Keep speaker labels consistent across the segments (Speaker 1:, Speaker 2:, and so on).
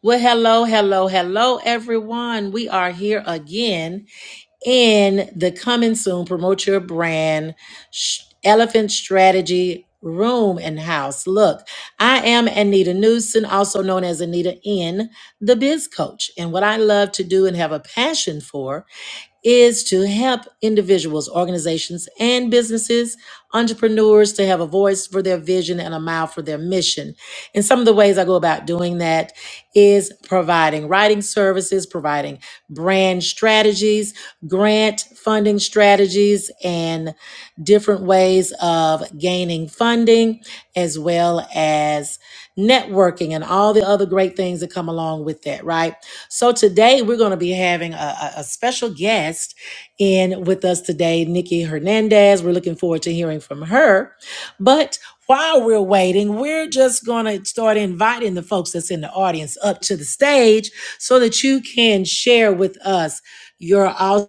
Speaker 1: Well, hello, hello, hello, everyone. We are here again in the coming soon promote your brand sh- elephant strategy room and house. Look, I am Anita Newson, also known as Anita N, the biz coach. And what I love to do and have a passion for is to help individuals, organizations, and businesses, entrepreneurs to have a voice for their vision and a mouth for their mission. And some of the ways I go about doing that is providing writing services, providing brand strategies, grant funding strategies, and different ways of gaining funding, as well as networking and all the other great things that come along with that, right? So today we're going to be having a, a- a special guest in with us today, Nikki Hernandez. We're looking forward to hearing from her. But while we're waiting, we're just going to start inviting the folks that's in the audience up to the stage so that you can share with us your awesome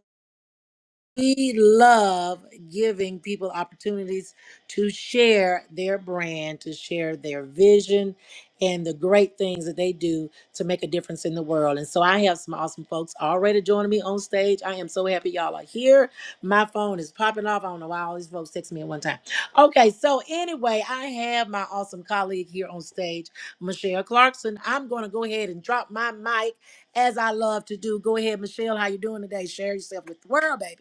Speaker 1: we love giving people opportunities to share their brand, to share their vision, and the great things that they do to make a difference in the world. And so I have some awesome folks already joining me on stage. I am so happy y'all are here. My phone is popping off. I don't know why all these folks text me at one time. Okay, so anyway, I have my awesome colleague here on stage, Michelle Clarkson. I'm going to go ahead and drop my mic as I love to do. Go ahead, Michelle. How you doing today? Share yourself with the world, baby.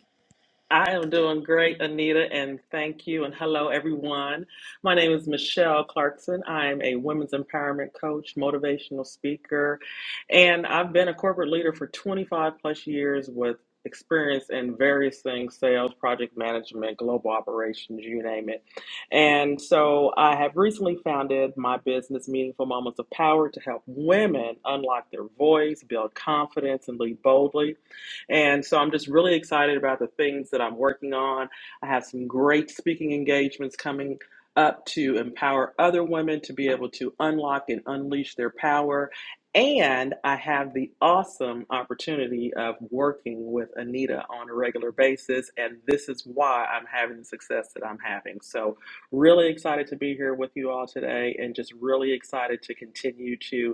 Speaker 2: I am doing great, Anita, and thank you. And hello, everyone. My name is Michelle Clarkson. I am a women's empowerment coach, motivational speaker, and I've been a corporate leader for 25 plus years with experience in various things sales, project management, global operations, you name it. And so I have recently founded my business, Meaningful Moments of Power, to help women unlock their voice, build confidence, and lead boldly. And so I'm just really excited about the things that I'm working on. I have some great speaking engagements coming up to empower other women to be able to unlock and unleash their power. And I have the awesome opportunity of working with Anita on a regular basis. And this is why I'm having the success that I'm having. So, really excited to be here with you all today and just really excited to continue to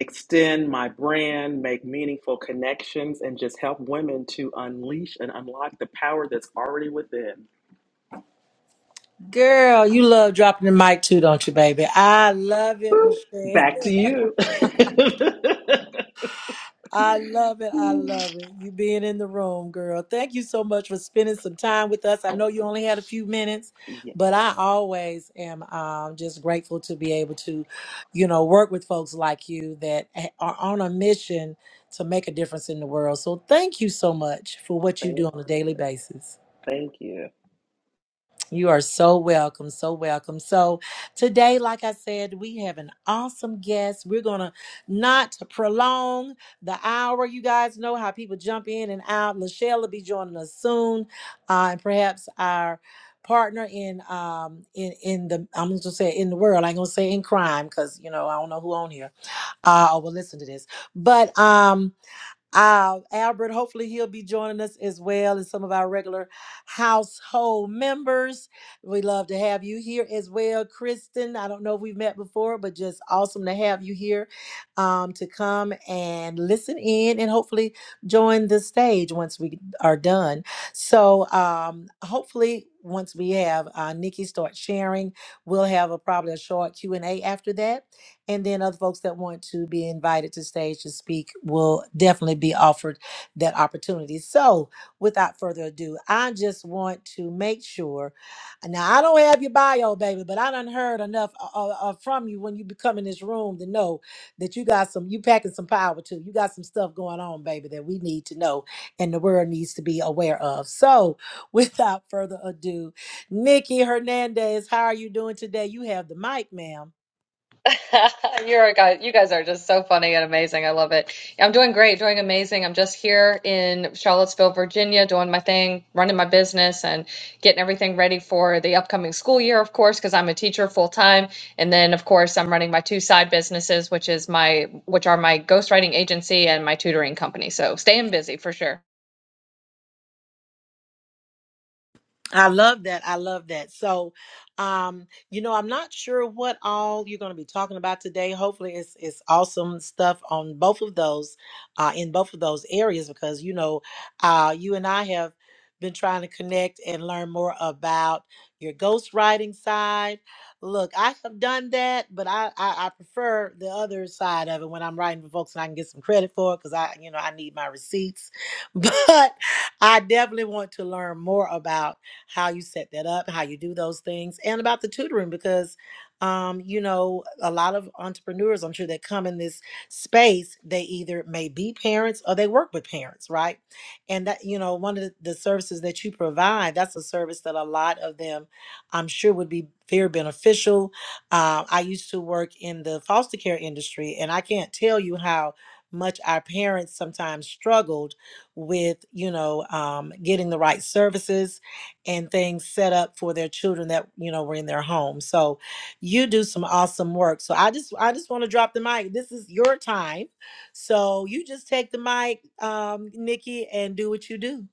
Speaker 2: extend my brand, make meaningful connections, and just help women to unleash and unlock the power that's already within.
Speaker 1: Girl, you love dropping the mic too, don't you, baby? I love it,
Speaker 2: Boop.
Speaker 1: Michelle.
Speaker 2: Back to you. yeah,
Speaker 1: I love it. I love it. You being in the room, girl. Thank you so much for spending some time with us. I know you only had a few minutes, but I always am um, just grateful to be able to, you know, work with folks like you that ha- are on a mission to make a difference in the world. So thank you so much for what you do
Speaker 2: thank,
Speaker 1: on a daily basis.
Speaker 2: thank you.
Speaker 1: You are so welcome, so welcome. So, today, like I said, we have an awesome guest. We're going to not prolong the hour. You guys know how people jump in and out. Lachelle will be joining us soon, uh, and perhaps our partner in um in in the i'm gonna say in the world i'm gonna say in crime because you know i don't know who on here uh or will listen to this but um uh, Albert, hopefully he'll be joining us as well as some of our regular household members. We love to have you here as well, Kristen. I don't know if we've met before, but just awesome to have you here um, to come and listen in and hopefully join the stage once we are done. So um, hopefully once we have uh, Nikki start sharing, we'll have a probably a short Q and A after that and then other folks that want to be invited to stage to speak will definitely be offered that opportunity. So, without further ado, I just want to make sure. Now, I don't have your bio, baby, but I done heard enough uh, uh, uh, from you when you become in this room to know that you got some, you packing some power too. You got some stuff going on, baby, that we need to know and the world needs to be aware of. So, without further ado, Nikki Hernandez, how are you doing today? You have the mic, ma'am.
Speaker 3: You're a guy. You guys are just so funny and amazing. I love it. I'm doing great, doing amazing. I'm just here in Charlottesville, Virginia, doing my thing, running my business, and getting everything ready for the upcoming school year, of course, because I'm a teacher full time. And then, of course, I'm running my two side businesses, which is my, which are my ghostwriting agency and my tutoring company. So staying busy for sure.
Speaker 1: I love that. I love that. So, um, you know, I'm not sure what all you're going to be talking about today. Hopefully, it's it's awesome stuff on both of those, uh, in both of those areas because you know, uh, you and I have been trying to connect and learn more about your ghostwriting side. Look, I have done that, but I, I I prefer the other side of it when I'm writing for folks and I can get some credit for it because I you know I need my receipts, but I definitely want to learn more about how you set that up, how you do those things, and about the tutoring because, um, you know, a lot of entrepreneurs, I'm sure, that come in this space, they either may be parents or they work with parents, right? And that, you know, one of the, the services that you provide, that's a service that a lot of them, I'm sure, would be very beneficial. Uh, I used to work in the foster care industry, and I can't tell you how much our parents sometimes struggled with you know um, getting the right services and things set up for their children that you know were in their home. So you do some awesome work. So I just I just want to drop the mic. This is your time. So you just take the mic, um, Nikki, and do what you do.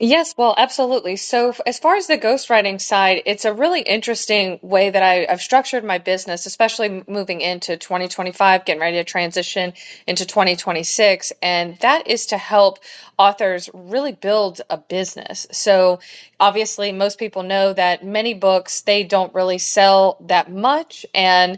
Speaker 3: Yes, well, absolutely. So, f- as far as the ghostwriting side, it's a really interesting way that I, I've structured my business, especially m- moving into 2025, getting ready to transition into 2026. And that is to help authors really build a business. So, obviously, most people know that many books, they don't really sell that much. And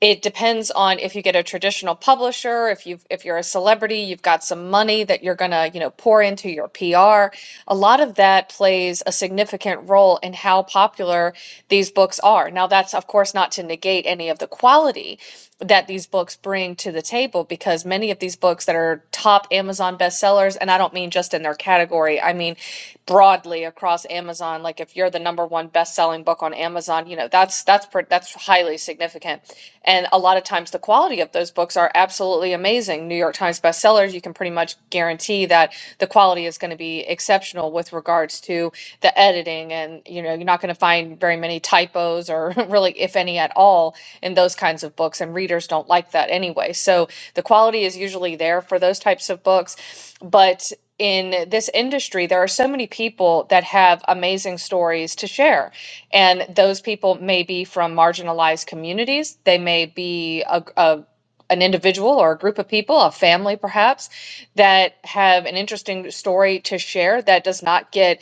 Speaker 3: it depends on if you get a traditional publisher, if you if you're a celebrity, you've got some money that you're gonna, you know, pour into your PR. A lot of that plays a significant role in how popular these books are. Now, that's of course not to negate any of the quality, that these books bring to the table because many of these books that are top Amazon bestsellers, and I don't mean just in their category, I mean broadly across Amazon. Like if you're the number one best-selling book on Amazon, you know that's that's that's highly significant. And a lot of times the quality of those books are absolutely amazing. New York Times bestsellers, you can pretty much guarantee that the quality is going to be exceptional with regards regards to the editing and you know you're not going to find very many typos or really if any at all in those kinds of books and readers don't like that anyway so the quality is usually there for those types of books but in this industry there are so many people that have amazing stories to share and those people may be from marginalized communities they may be a, a an individual or a group of people, a family perhaps, that have an interesting story to share that does not get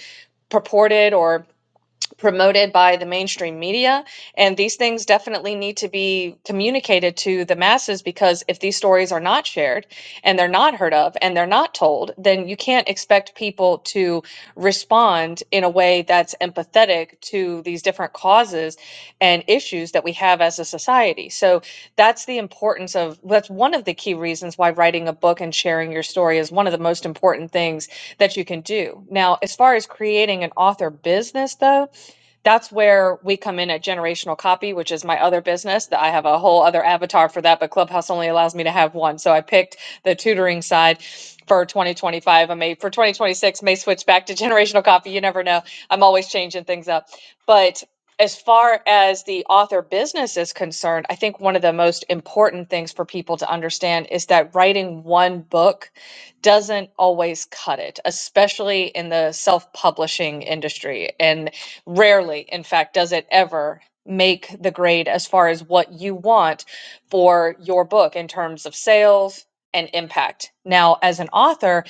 Speaker 3: purported or promoted by the mainstream media. And these things definitely need to be communicated to the masses because if these stories are not shared and they're not heard of and they're not told, then you can't expect people to respond in a way that's empathetic to these different causes and issues that we have as a society. So that's the importance of that's one of the key reasons why writing a book and sharing your story is one of the most important things that you can do. Now, as far as creating an author business, though, that's where we come in at generational copy, which is my other business that I have a whole other avatar for that, but Clubhouse only allows me to have one. So I picked the tutoring side for 2025. I may for 2026 may switch back to generational copy. You never know. I'm always changing things up. But as far as the author business is concerned, I think one of the most important things for people to understand is that writing one book doesn't always cut it, especially in the self publishing industry. and Rarely, in fact, does it ever make the grade as far as what you want for your book in terms of sales and impact. Now, as an author,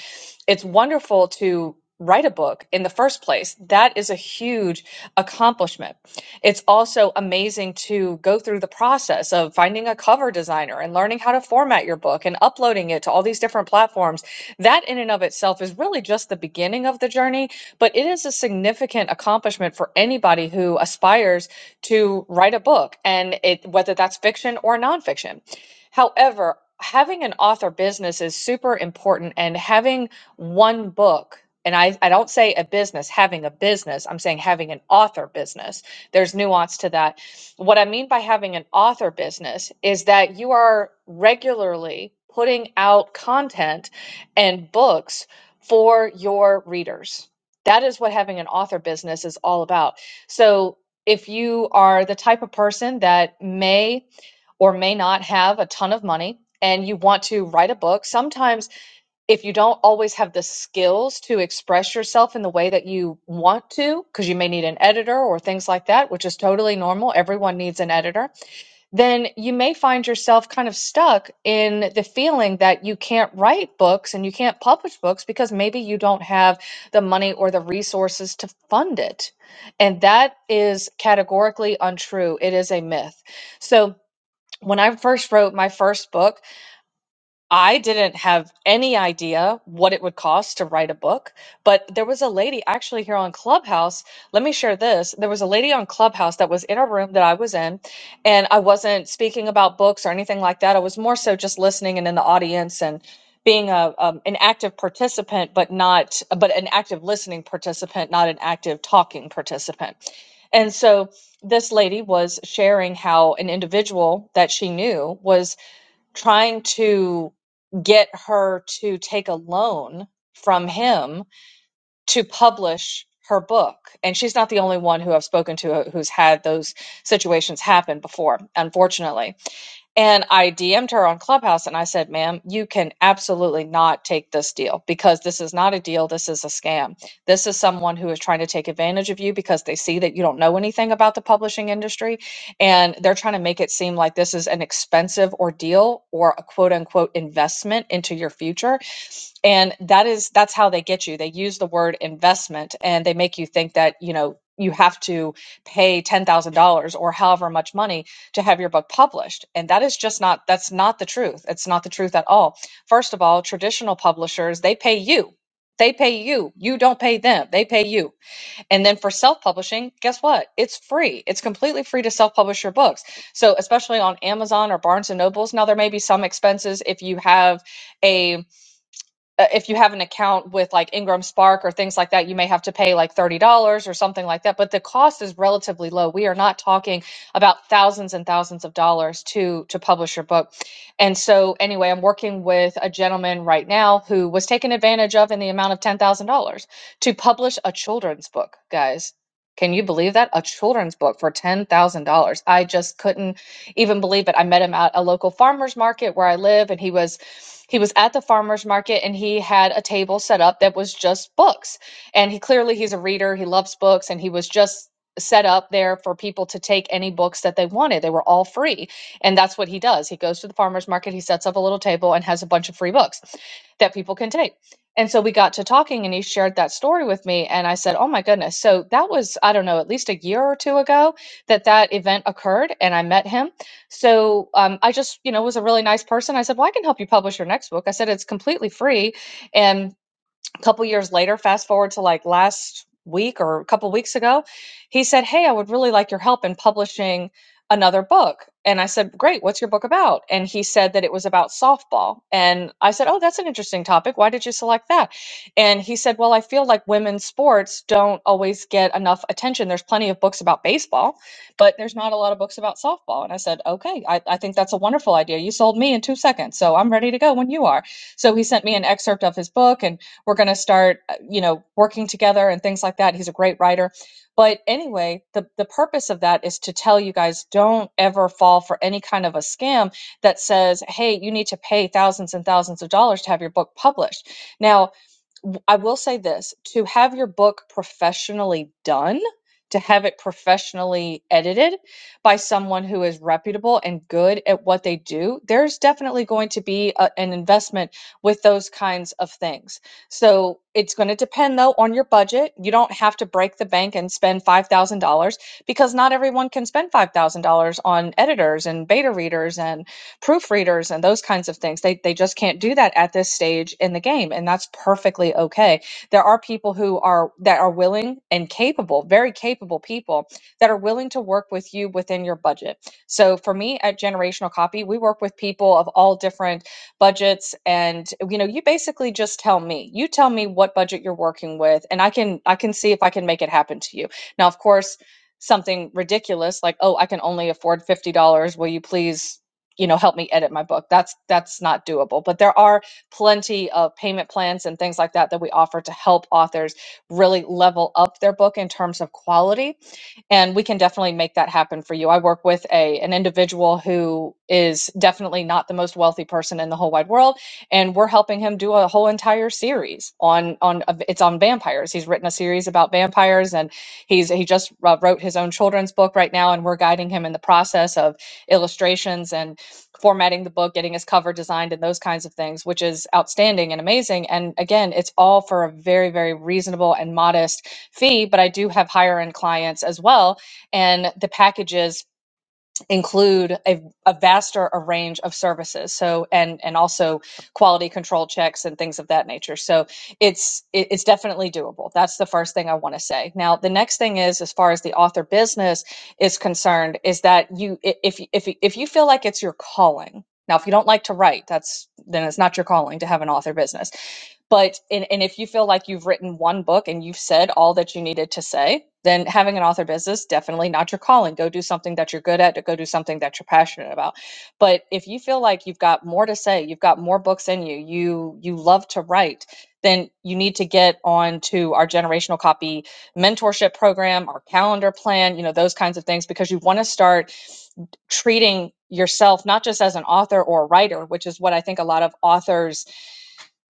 Speaker 3: it's wonderful to write a book in the first place. That is a huge accomplishment. It's also amazing to go through the process of finding a cover designer and learning how to format your book and uploading it to all these different platforms. That in and of itself is really just the beginning of the journey but it is a significant accomplishment for anybody who aspires to write a book, and it whether that's fiction or nonfiction. However, having an author business is super important, and having one book. And I, I don't say a business, having a business. I'm saying having an author business. There's nuance to that. What I mean by having an author business is that you are regularly putting out content and books for your readers. That is what having an author business is all about. So, if you are the type of person that may or may not have a ton of money and you want to write a book, sometimes if you don't always have the skills to express yourself in the way that you want to, because you may need an editor or things like that, which is totally normal. Everyone needs an editor then you may find yourself kind of stuck in the feeling that you can't write books and you can't publish books because maybe you don't have the money or the resources to fund it. And that is categorically untrue. It is a myth. So, when I first wrote my first book, I didn't have any idea what it would cost to write a book, but there was a lady actually here on Clubhouse. Let me share this. There was a lady on Clubhouse that was in a room that I was in, and I wasn't speaking about books or anything like that. I was more so just listening and in the audience and being a um, an active participant, but not but an active listening participant, not an active talking participant. And so this lady was sharing how an individual that she knew was trying to get her to take a loan from him to publish her book. And she's not the only one who I've spoken to uh, who's had those situations happen before, unfortunately and I DM'd her on Clubhouse and I said, ma'am, you can absolutely not take this deal because this is not a deal. This is a scam. This is someone who is trying to take advantage of you because they see that you don't know anything about the publishing industry and they're trying to make it seem like this is an expensive ordeal or a quote unquote investment into your future and that is that's how they get you they use the word investment and they make you think that you know you have to pay $10,000 or however much money to have your book published and that is just not that's not the truth it's not the truth at all first of all traditional publishers they pay you they pay you you don't pay them they pay you and then for self publishing guess what it's free it's completely free to self publish your books so especially on Amazon or Barnes and Nobles now there may be some expenses if you have a uh, if you have an account with like Ingram Spark or things like that, you may have to pay like $30 or something like that. But the cost is relatively low. We are not talking about thousands and thousands of dollars to to publish your book. And so anyway, I'm working with a gentleman right now who was taken advantage of in the amount of $10,000 to publish a children's book, guys. Can you believe that? A children's book for $10,000. I just couldn't even believe it. I met him at a local farmer's market where I live, and he was he was at the farmer's market and he had a table set up that was just books. And he clearly he's a reader, he loves books, and he was just set up there for people to take any books that they wanted. They were all free. And that's what he does. He goes to the farmer's market, he sets up a little table and has a bunch of free books that people can take. And so we got to talking and he shared that story with me and I said, "Oh my goodness." So that was I don't know, at least a year or two ago that that event occurred and I met him so um, I just, you know, was a really nice person. I said, "Well, I can help you publish your next book." I said, "It's completely free, and a couple years later, fast forward to like last week or a couple weeks ago, he said, Hey, I would really like your help in publishing another book. And I said, Great, what's your book about? And he said that it was about softball. And I said, Oh, that's an interesting topic. Why did you select that? And he said, Well, I feel like women's sports don't always get enough attention. There's plenty of books about baseball, but there's not a lot of books about softball. And I said, Okay, I, I think that's a wonderful idea. You sold me in two seconds. So I'm ready to go when you are. So he sent me an excerpt of his book and we're going to start uh, you know working together and things like that he's a great writer but anyway the the purpose of that is to tell you guys don't ever fall for any kind of a scam that says hey you need to pay thousands and thousands of dollars to have your book published now w- I will say this to have your book professionally done, to have it professionally edited by someone who is reputable and good at what they do, there's definitely going to be a, an investment with those kinds of things. So it's going to depend though on your budget. You don't have to break the bank and spend $5,000 because not everyone can spend $5,000 on editors and beta readers and proofreaders and those kinds of things. They they just can't do that at this stage in the game, and that's perfectly okay. There are people who are that are willing and capable, very capable people that are willing to work with you within your budget. So for me at Generational Copy, we work with people of all different budgets and you know, you basically just tell me. You tell me what budget you're working with and I can I can see if I can make it happen to you. Now, of course, something ridiculous like, "Oh, I can only afford $50. Will you please you know help me edit my book that's that's not doable but there are plenty of payment plans and things like that that we offer to help authors really level up their book in terms of quality and we can definitely make that happen for you. I work with a an individual who is definitely not the most wealthy person in the whole wide world, and we're helping him do a whole entire series on on it's on vampires. He's written a series about vampires, and he's he just uh, wrote his own children's book right now, and we're guiding him in the process of illustrations and formatting the book, getting his cover designed, and those kinds of things, which is outstanding and amazing. And again, it's all for a very very reasonable and modest fee, but I do have higher end clients as well. And the packages include a, a vaster a range of services. So and and also quality control checks and things of that nature. So it's it, it's definitely doable. That's the first thing I want to say. Now the next thing is as far as the author business is concerned, is that you if if if you feel like it's your calling. Now, if you don't like to write, that's then it's not your calling to have an author business but and, and if you feel like you've written one book and you've said all that you needed to say, then having an author business definitely not your calling. Go do something that you're good at. Go do something that you're passionate about. But if you feel like you've got more to say, you've got more books in you, you you love to write, then you need to get on to our generational copy mentorship program, our calendar plan, you know, those kinds of things, because you want to start treating yourself not just as an author or a writer, which is what I think a lot of authors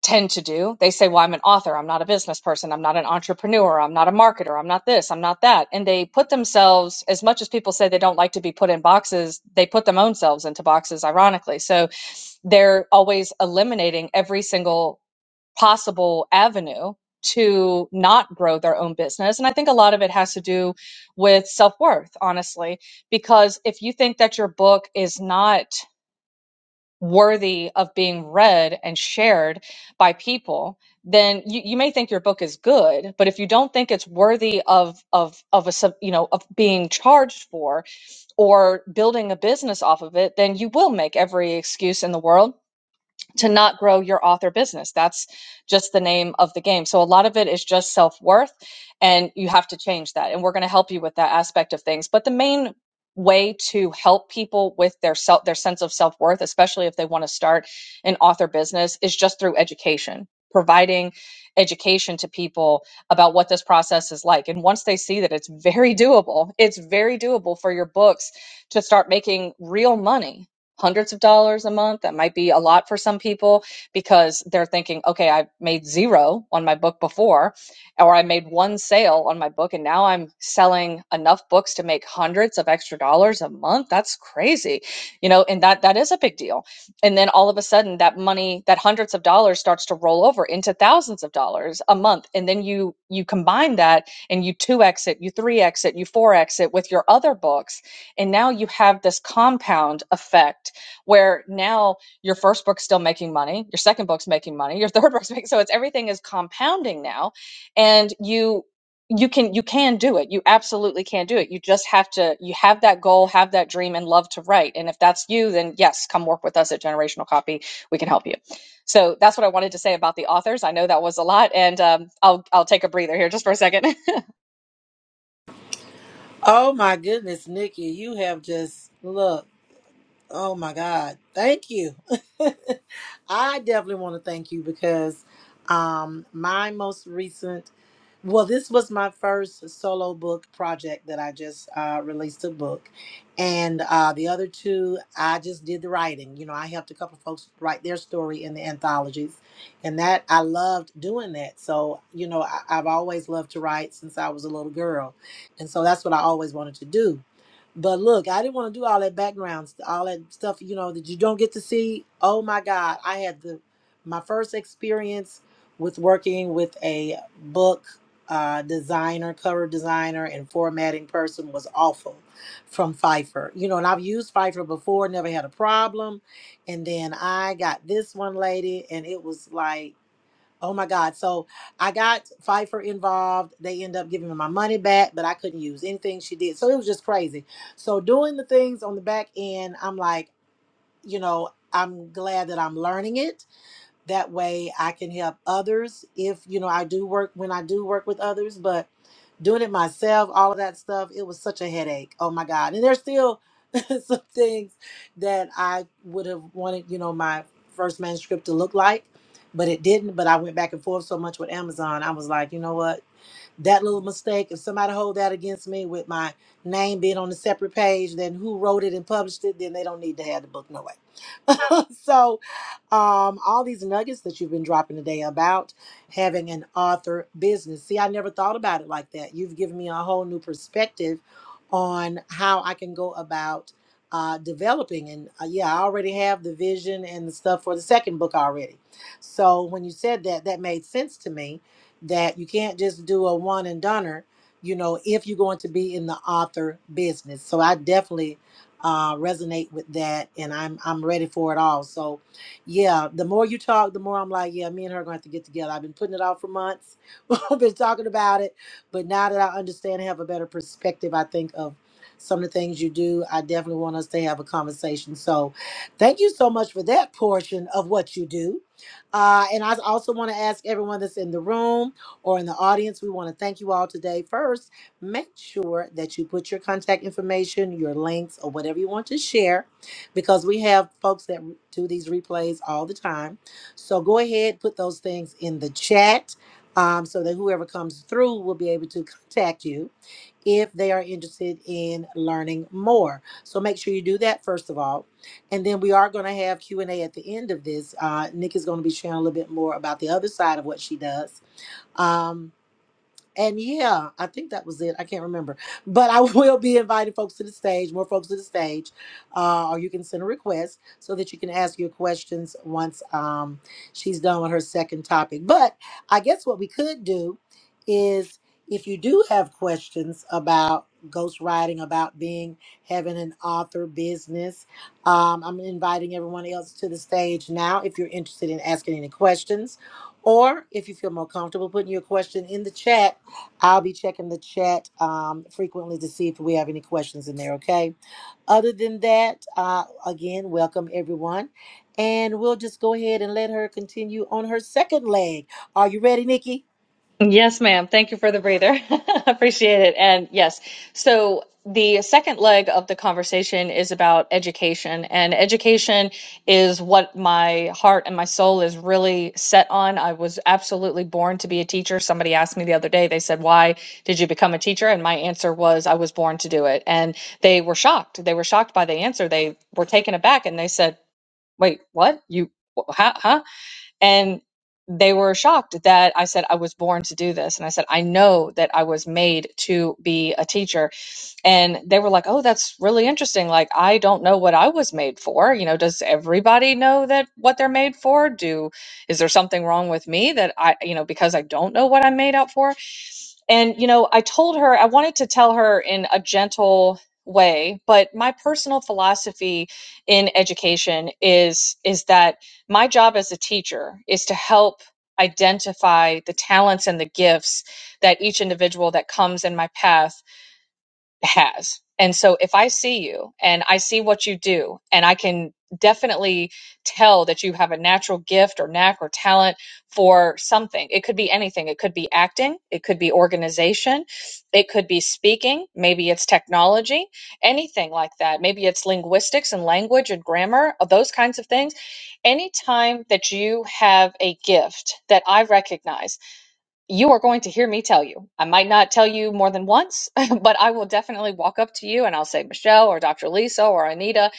Speaker 3: tend to do. They say, well, I'm an author. I'm not a business person. I'm not an entrepreneur. I'm not a marketer. I'm not this. I'm not that. And they put themselves, as much as people say they don't like to be put in boxes, they put them own selves into boxes, ironically. So they're always eliminating every single possible avenue to not grow their own business. And I think a lot of it has to do with self worth, honestly, because if you think that your book is not worthy of being read and shared by people then you, you may think your book is good but if you don't think it's worthy of of of a sub, you know of being charged for or building a business off of it then you will make every excuse in the world to not grow your author business. That's just the name of the game. So a lot of it is just self worth, and you have to change that. And we're going to help you with that aspect of things. But the main way to help people with their self their sense of self worth, especially if they want to start an author business, is just through education. Providing education to people about what this process is like. And once they see that it's very doable, it's very doable for your books to start making real money hundreds of dollars a month. That might be a lot for some people because they're thinking, okay, I've made zero on my book before, or I made one sale on my book, and now I'm selling enough books to make hundreds of extra dollars a month. That's crazy, you know, and that that is a big deal. And then all of a sudden, that money, that hundreds of dollars, starts to roll over into thousands of dollars a month, and then you you combine that and you two exit, you three exit, you four exit with your other books and now you have this compound effect where now your first book's still making money, your second book's making money, your third book's making so it's everything is compounding now. And you you can you can do it. You absolutely can do it. You just have to you have that goal, have that dream, and love to write. And if that's you, then yes, come work with us at Generational Copy. We can help you. So that's what I wanted to say about the authors. I know that was a lot, and um, I'll I'll take a breather here just for a second.
Speaker 1: Oh my goodness, Nikki, you have just look. Oh my God, thank you. I definitely want to thank you because um, my most recent Well, this was my first solo book project that I just uh, released a book. And uh, the other two, I just did the writing. You know, I helped a couple of folks write their story in the anthologies. And that, I loved doing that. So, you know, I, I've always loved to write since I was a little girl. And so that's what I always wanted to do. But look, I didn't want to do all that background, st- all that stuff, you know, that you don't get to see. Oh my God, I had the my first experience with working with a book uh, designer, cover designer, and formatting person was awful from Pfeiffer. You know, and I've used Pfeiffer before, never had a problem. And then I got this one lady, and it was like Oh my God. So I got Pfeiffer involved. They end up giving me my money back, but I couldn't use anything she did. So it was just crazy. So doing the things on the back end, I'm like, you know, I'm glad that I'm learning it that way i can help others if you know i do work when i do work with others but doing it myself all of that stuff it was such a headache oh my god and there's still some things that i would have wanted you know my first manuscript to look like but it didn't but i went back and forth so much with amazon i was like you know what that little mistake if somebody hold that against me with my name being on a separate page then who wrote it and published it then they don't need to have the book no way so um, all these nuggets that you've been dropping today about having an author business. See, I never thought about it like that. You've given me a whole new perspective on how I can go about uh, developing. And uh, yeah, I already have the vision and the stuff for the second book already. So when you said that, that made sense to me that you can't just do a one and doneer. You know, if you're going to be in the author business, so I definitely uh, resonate with that, and I'm I'm ready for it all. So yeah, the more you talk, the more I'm like, yeah, me and her are gonna have to get together. I've been putting it off for months. I've been talking about it, but now that I understand and have a better perspective, I think of some of the things you do. I definitely want us to have a conversation. So, thank you so much for that portion of what you do. Uh, and I also want to ask everyone that's in the room or in the audience, we want to thank you all today. First, make sure that you put your contact information, your links, or whatever you want to share because we have folks that do these replays all the time. So go ahead, put those things in the chat um, so that whoever comes through will be able to contact you if they are interested in learning more. So make sure you do that first of all. And then we are going to have Q&A at the end of this. Uh, Nick is going to be sharing a little bit more about the other side of what she does. Um, and yeah, I think that was it. I can't remember. But I will be inviting folks to the stage, more folks to the stage. Uh, or you can send a request so that you can ask your questions once um, she's done with her second topic. But I guess what we could do is if you do have questions about ghostwriting, about being having an author business, um, I'm inviting everyone else to the stage now if you're interested in asking any questions. Or if you feel more comfortable putting your question in the chat I'll be checking the chat um, frequently to see if we have any questions in there, okay? Other than that, uh, again, welcome everyone. And we'll just go ahead and let her continue on her second leg. Are you ready, Nikki?
Speaker 3: Yes, ma'am. Thank you for the breather. Appreciate it. And yes, so the second leg of the conversation is about education, and education is what my heart and my soul is really set on. I was absolutely born to be a teacher. Somebody asked me the other day, they said, Why did you become a teacher? And my answer was, I was born to do it. And they were shocked. They were shocked by the answer. They were taken aback and they said, Wait, what? You, wh- huh? huh? And they were shocked that I said I was born to do this. And I said, I know that I was made to be a teacher. And they were like, oh, that's really interesting. Like, I don't know what I was made for. You know, does everybody know that what they're made for? Do, is there something wrong with me that I, you know, because I don't know what I'm made out for? And, you know, I told her, I wanted to tell her in a gentle way, but my personal philosophy in education is, is that my job as a teacher is to help identify the talents and the gifts that each individual that comes in my path has. And so if I see you and I see what you do, and I can definitely tell that you have a natural gift or knack or talent for something, it could be anything. It could be acting, it could be organization, it could be speaking, maybe it's technology, anything like that. Maybe it's linguistics and language and grammar, uh, those kinds of things. Anytime that you have a gift that I recognize, you are going to hear me tell you. I might not tell you more than once, but I will definitely walk up to you and I'll say, Michelle or Dr. Lisa or Anita,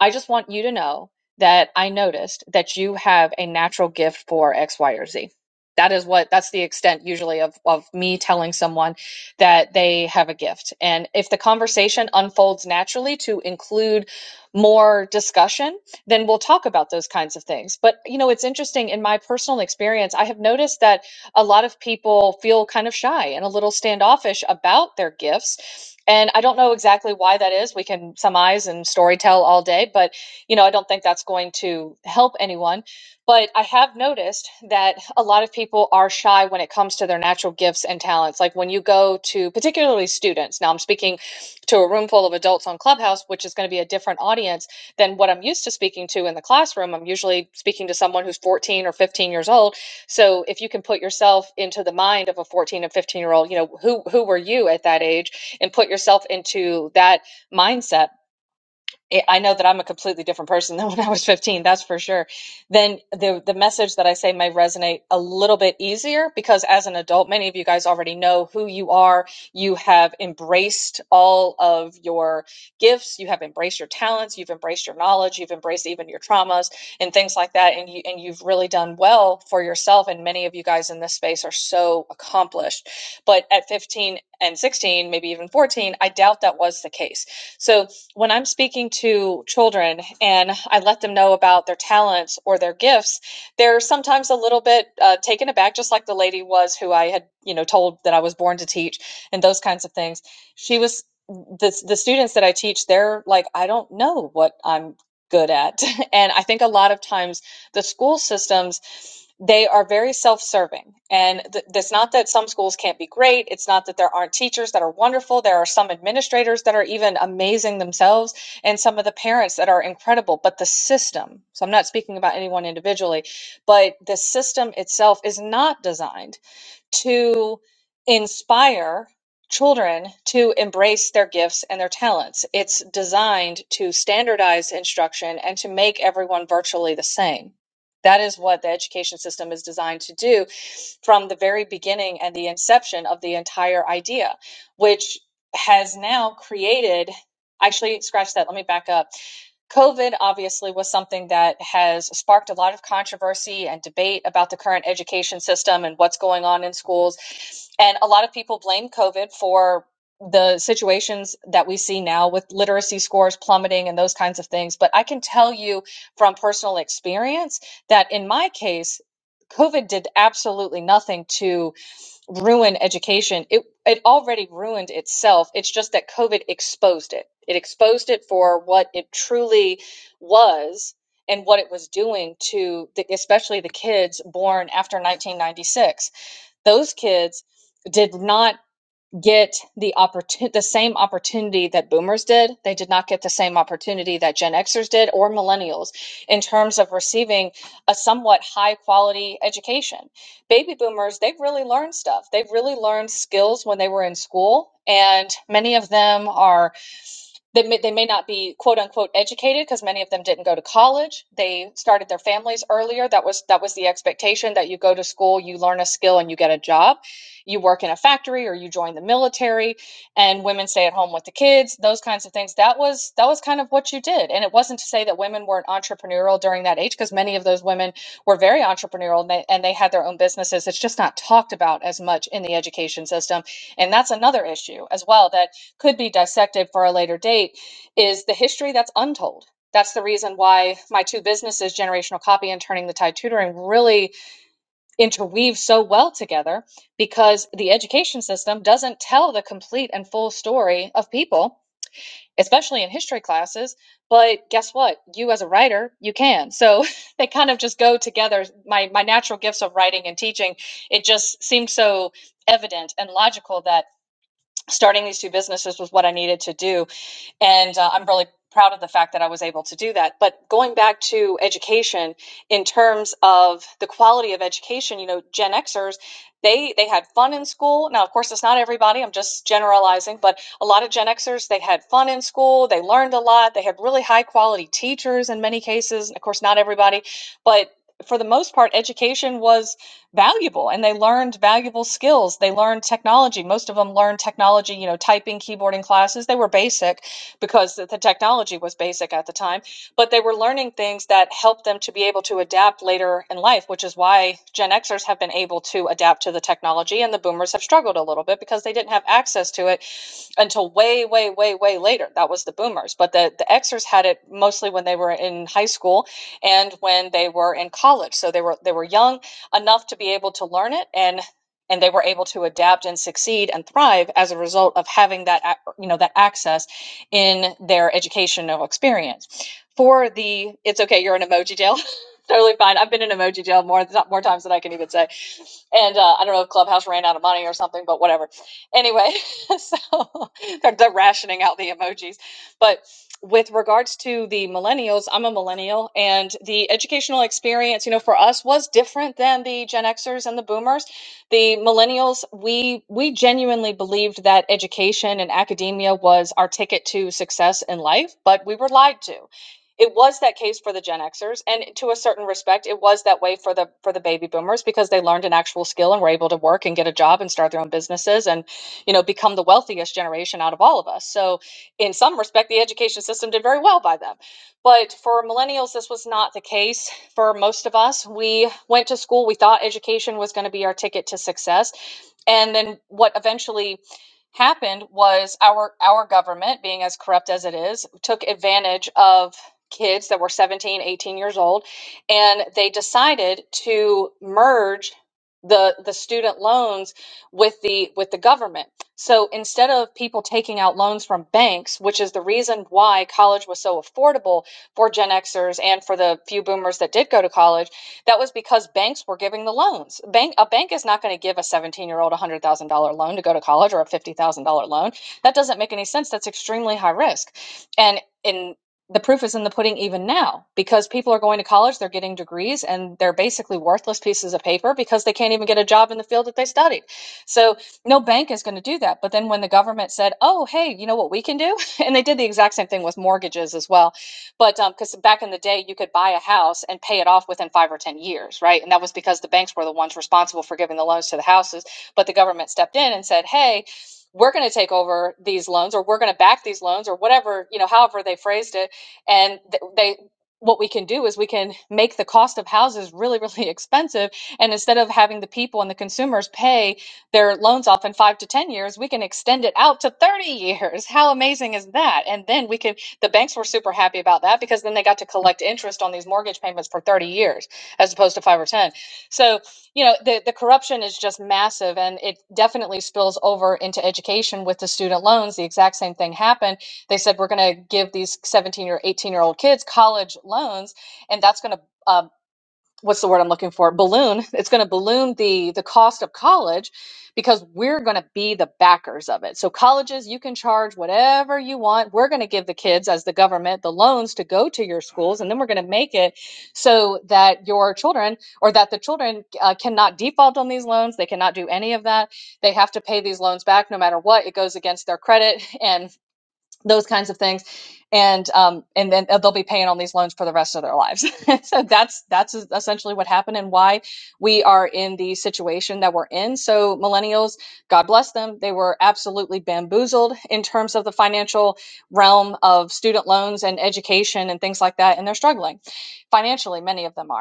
Speaker 3: I just want you to know that I noticed that you have a natural gift for X, Y, or Z. That is what, that's the extent usually of, of me telling someone that they have a gift. And if the conversation unfolds naturally to include more discussion, then we'll talk about those kinds of things. But, you know, it's interesting in my personal experience, I have noticed that a lot of people feel kind of shy and a little standoffish about their gifts. And I don't know exactly why that is. We can surmise and story tell all day, but you know, I don't think that's going to help anyone. But I have noticed that a lot of people are shy when it comes to their natural gifts and talents. Like when you go to particularly students, now I'm speaking to a room full of adults on Clubhouse, which is going to be a different audience than what I'm used to speaking to in the classroom. I'm usually speaking to someone who's 14 or 15 years old so if you can put yourself into the mind of a 14 and 15 year old, you know, who who were you at that age and put yourself into that mindset it- I know that I'm a completely different person than when I was 15, that's for sure. Then the the message that I say may resonate a little bit easier because as an adult, many of you guys already know who you are. You have embraced all of your gifts, you have embraced your talents, you've embraced your knowledge, you've embraced even your traumas and things like that and you and you've really done well for yourself and many of you guys in this space are so accomplished. But at 15 and 16, maybe even 14, I doubt that was the case. So when I'm speaking to children and I let them know about their talents or their gifts, they're sometimes a little bit uh, taken aback, just like the lady was who I had, you know, told that I was born to teach and those kinds of things. She was the the students that I teach. They're like, I don't know what I'm good at, and I think a lot of times the school systems they are very self-serving and th- it's not that some schools can't be great it's not that there aren't teachers that are wonderful there are some administrators that are even amazing themselves and some of the parents that are incredible but the system so i'm not speaking about anyone individually but the system itself is not designed to inspire children to embrace their gifts and their talents. It's designed to standardize instruction and to make everyone virtually the same. That is what the education system is designed to do from the very beginning and the inception of the entire idea, which has now created. Actually, scratch that. Let me back up. COVID obviously was something that has sparked a lot of controversy and debate about the current education system and what's going on in schools. And a lot of people blame COVID for the situations that we see now with literacy scores plummeting and those kinds of things. But I can tell you from personal experience that in my case, COVID did absolutely nothing to ruin education. It it already ruined itself. It's just that COVID exposed it. It exposed it for what it truly was and what it was doing to the, especially the kids born after 1996. Those kids did not get the opportunity the same opportunity that boomers did they did not get the same opportunity that gen xers did or millennials in terms of receiving a somewhat high quality education baby boomers they have really learned stuff they have really learned skills when they were in school and many of them are they may, they may not be quote unquote educated because many of them didn't go to college they started their families earlier that was that was the expectation that you go to school you learn a skill and you get a job you work in a factory or you join the military and women stay at home with the kids those kinds of things that was that was kind of what you did and it wasn't to say that women weren't entrepreneurial during that age because many of those women were very entrepreneurial and they, and they had their own businesses it's just not talked about as much in the education system and that's another issue as well that could be dissected for a later date is the history that's untold. That's the reason why my two businesses, Generational Copy and Turning the Tide Tutoring, really interweave so well together because the education system doesn't tell the complete and full story of people, especially in history classes. But guess what? You as a writer, you can. So they kind of just go together. My my natural gifts of writing and teaching, it just seemed so evident and logical that starting these two businesses was what I needed to do and uh, I'm really proud of the fact that I was able to do that. But going back to education, in terms of the quality of education, you know, Gen Xers, they they had fun in school. Now, of course, it's not everybody. I'm just generalizing, but a lot of Gen Xers, they had fun in school. They learned a lot. They had really high quality teachers in many cases. Of course, not everybody, but for the most part, education was valuable and they learned valuable skills. They learned technology. Most of them learned technology, you know, typing, keyboarding classes. They were basic because the technology was basic at the time. But they were learning things that helped them to be able to adapt later in life, which is why Gen Xers have been able to adapt to the technology and the boomers have struggled a little bit because they didn't have access to it until way, way, way, way later. That was the boomers. But the, the Xers had it mostly when they were in high school and when they were in college. So they were they were young enough to be able to learn it and and they were able to adapt and succeed and thrive as a result of having that you know that access in their educational experience. For the it's okay, you're an emoji jail. totally fine. I've been in emoji jail more more times than I can even say and uh, I don't know if Clubhouse ran out of money or something, but whatever. Anyway, so they're, they're rationing out the emojis. But with regards to the millennials, I'm a millennial, and the educational experience, you know, for us was different than the Gen Xers and the Boomers. The millennials, we we genuinely believed that education and academia was our ticket to success in life, but we were lied to it was that case for the Gen Xers, and to a certain respect, it was that way for the for the baby boomers because they learned an actual skill and were able to work and get a job and start their own businesses and, you know, become the wealthiest generation out of all of us. So, in some respect, the education system did very well by them. But for millennials, this was not the case. For most of us, we went to school. We thought education was going to be our ticket to success, and then what eventually happened was our our government being as corrupt as it is took advantage of kids that were 17, 18 years old, and they decided to merge the the student loans with the with the government. So instead of people taking out loans from banks, which is the reason why college was so affordable for Gen Xers and for the few boomers that did go to college, that was because banks were giving the loans. Bank a bank is not going to give a 17-year-old a $100,000 loan to go to college or a $50,000 loan. That doesn't make any sense. That's extremely high risk. And in the proof is in the pudding even now because people are going to college, they're getting degrees, and they're basically worthless pieces of paper because they can't even get a job in the field that they studied. So, no bank is going to do that. But then when the government said, oh, hey, you know what we can do? And they did the exact same thing with mortgages as well. But because um, back in the day, you could buy a house and pay it off within five or 10 years, right? And that was because the banks were the ones responsible for giving the loans to the houses. But the government stepped in and said, hey, we're going to take over these loans or we're going to back these loans or whatever, you know, however they phrased it and they what we can do is we can make the cost of houses really really expensive and instead of having the people and the consumers pay their loans off in 5 to 10 years we can extend it out to 30 years how amazing is that and then we can the banks were super happy about that because then they got to collect interest on these mortgage payments for 30 years as opposed to 5 or 10 so you know the, the corruption is just massive and it definitely spills over into education with the student loans the exact same thing happened they said we're going to give these 17 or 18 year old kids college loans, and that's going to uh, what's the word I'm looking for? Balloon. It's going to balloon the the cost of college because we're going to be the backers of it. So colleges, you can charge whatever you want. We're going to give the kids as the government the loans to go to your schools, and then we're going to make it so that your children or that the children uh, cannot default on these loans. They cannot do any of that. They have to pay these loans back no matter what. It goes against their credit and those kinds of things and um and then they'll be paying on these loans for the rest of their lives so that's that's essentially what happened and why we are in the situation that we're in so millennials god bless them they were absolutely bamboozled in terms of the financial realm of student loans and education and things like that and they're struggling financially many of them are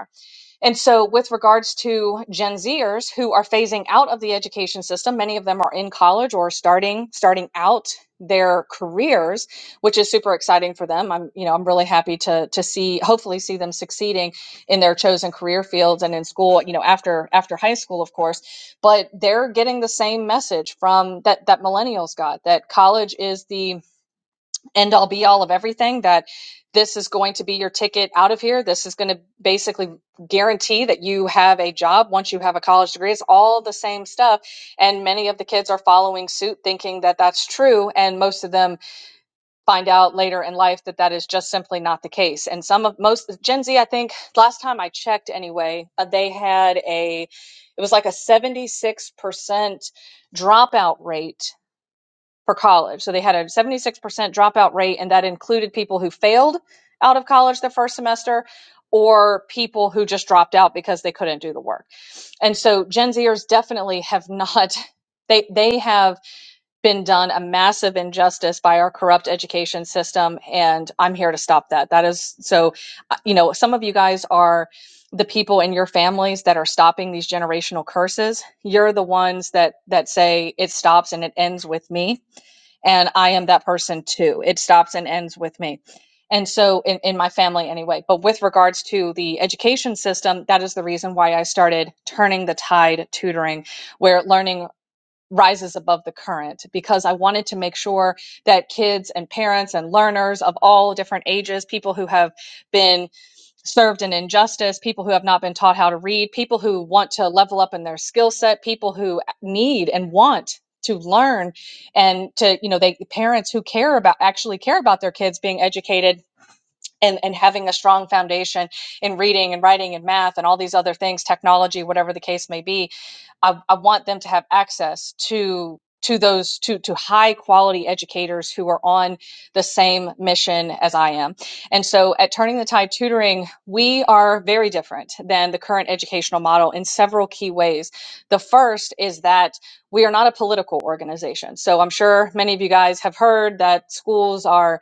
Speaker 3: and so, with regards to Gen Zers who are phasing out of the education system, many of them are in college or starting starting out their careers, which is super exciting for them. I'm, you know, I'm really happy to to see, hopefully, see them succeeding in their chosen career fields and in school. You know, after after high school, of course, but they're getting the same message from that that millennials got that college is the end all be all of everything that this is going to be your ticket out of here. This is going to basically guarantee that you have a job once you have a college degree. It's all the same stuff. And many of the kids are following suit thinking that that's true. And most of them find out later in life that that is just simply not the case. And some of most Gen Z, I think last time I checked anyway, uh, they had a, it was like a 76% dropout rate for college. So they had a 76% dropout rate, and that included people who failed out of college the first semester or people who just dropped out because they couldn't do the work. And so Gen Zers definitely have not. They, they have been done a massive injustice by our corrupt education system, and I'm here to stop that. That is so, uh, you know, some of you guys are the people in your families that are stopping these generational curses. You're the ones that that say it stops and it ends with me and I am that person too. It stops and ends with me. And so, in, in my family, anyway. But with regards to the education system, that is the reason why I started turning the tide tutoring, where learning rises above the current, because I wanted to make sure that kids and parents and learners of all different ages, people who have been served in injustice, people who have not been taught how to read, people who want to level up in their skill set, people who need and want to learn and to you know they parents who care about actually care about their kids being educated and, and having a strong foundation in reading and writing and math and all these other things technology whatever the case may be I, I want them to have access to to those to to high quality educators who are on the same mission as I am. And so at Turning the Tide Tutoring, we are very different than the current educational model in several key ways. The first is that we are not a political organization. So I'm sure many of you guys have heard that schools are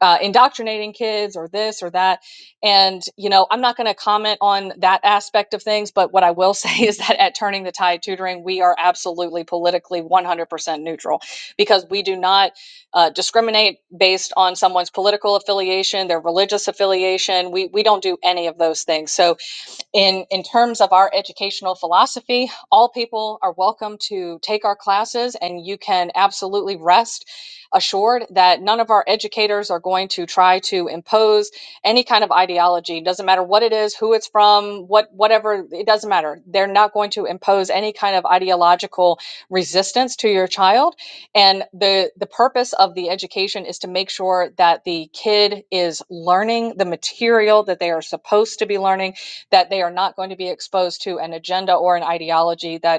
Speaker 3: uh, indoctrinating kids or this or that. And, you know, I'm not going to comment on that aspect of things, but what I will say is that at Turning the Tide Tutoring, we are absolutely politically 100% neutral because we do not uh, discriminate based on someone's political affiliation, their religious affiliation. We, we don't do any of those things. So, in in terms of our educational philosophy all people are welcome to take our classes and you can absolutely rest assured that none of our educators are going to try to impose any kind of ideology It doesn't matter what it is who it's from what whatever it doesn't matter they're not going to impose any kind of ideological resistance to your child and the the purpose of the education is to make sure that the kid is learning the material that they are supposed to be learning that they are not going to be exposed to an agenda or an ideology that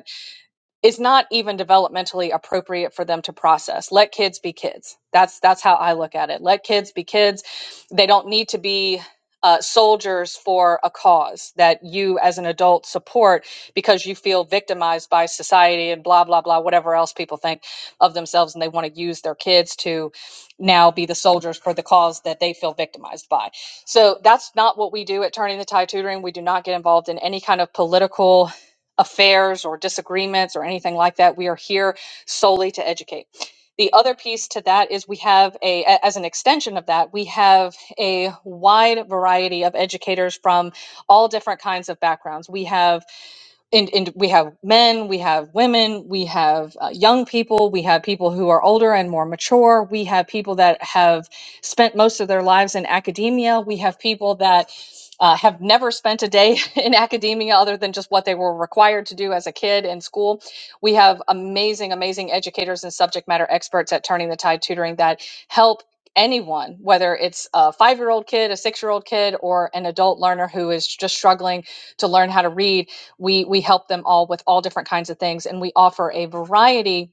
Speaker 3: is not even developmentally appropriate for them to process. Let kids be kids. That's that's how I look at it. Let kids be kids. They don't need to be uh, soldiers for a cause that you as an adult support because you feel victimized by society and blah blah blah whatever else people think of themselves and they want to use their kids to now be the soldiers for the cause that they feel victimized by so that's not what we do at turning the tide tutoring we do not get involved in any kind of political affairs or disagreements or anything like that. We are here solely to educate. The other piece to that is we have a, a- as an extension of that, we have a wide variety of educators from all different kinds of backgrounds. We have and, and we have men, we have women, we have uh, young people, we have people who are older and more mature, we have people that have spent most of their lives in academia, we have people that uh, have never spent a day in academia other than just what they were required to do as a kid in school. We have amazing, amazing educators and subject matter experts at Turning the Tide Tutoring that help anyone, whether it's a five year old kid, a six year old kid, or an adult learner who is just struggling to learn how to read we we help them all with all different kinds of things, and we offer a variety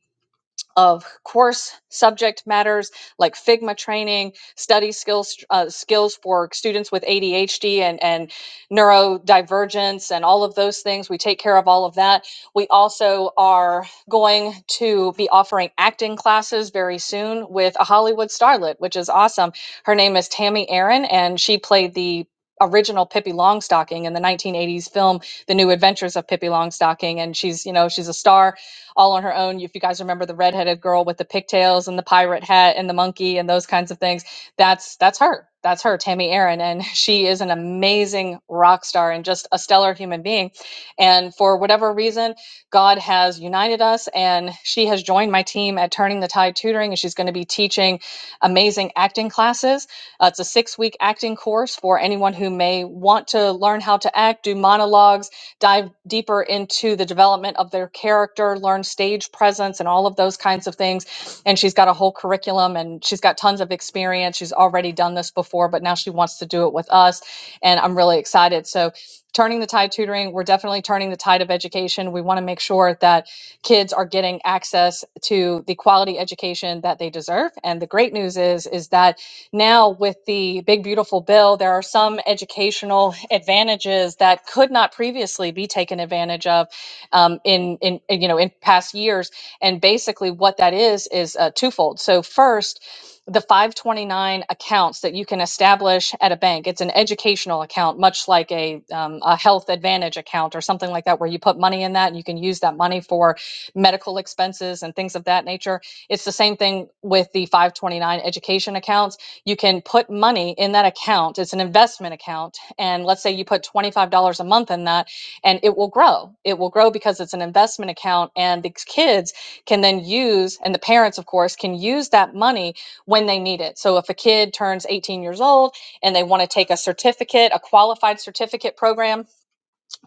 Speaker 3: of course subject matters like Figma training, study skills uh, skills for students with ADHD and and neurodivergence and all of those things. We take care of all of that. We also are going to be offering acting classes very soon with a Hollywood starlet, which is awesome. Her name is Tammy Aaron, and she played the original Pippi Longstocking in the 1980s film The New Adventures of Pippi Longstocking and she's you know she's a star all on her own. If you guys remember the redheaded girl with the pigtails and the pirate hat and the monkey and those kinds of things, that's that's her. That's her, Tammy Aaron, and she is an amazing rock star and just a stellar human being. And for whatever reason, God has united us, and she has joined my team at Turning the Tide Tutoring, and she's going to be teaching amazing acting classes. Uh, it's a six-week acting course for anyone who may want to learn how to act, do monologues, dive deeper into the development of their character, learn stage presence, and all of those kinds of things. And she's got a whole curriculum and she's got tons of experience. She's already done this before, but now she wants to do it with us. And I'm really excited. So, turning the tide tutoring, we're definitely turning the tide of education. We want to make sure that kids are getting access to the quality education that they deserve. And the great news is, is that now, with the Big Beautiful Bill, there are some educational advantages that could not previously be taken advantage of um, in, in, in, you know, in past years. And basically, what that is is uh, twofold. So, first, the 529 accounts that you can establish at a bank. It's an educational account, much like a, um, a health advantage account or something like that, where you put money in that and you can use that money for medical expenses and things of that nature. It's the same thing with the 529 education accounts you can put money in that account. It's an investment account. And let's say you put $25 a month in that and it will grow. It will grow because it's an investment account. And the kids can then use, and the parents, of course, can use that money when they need it. So if a kid turns 18 years old and they want to take a certificate, a qualified certificate program,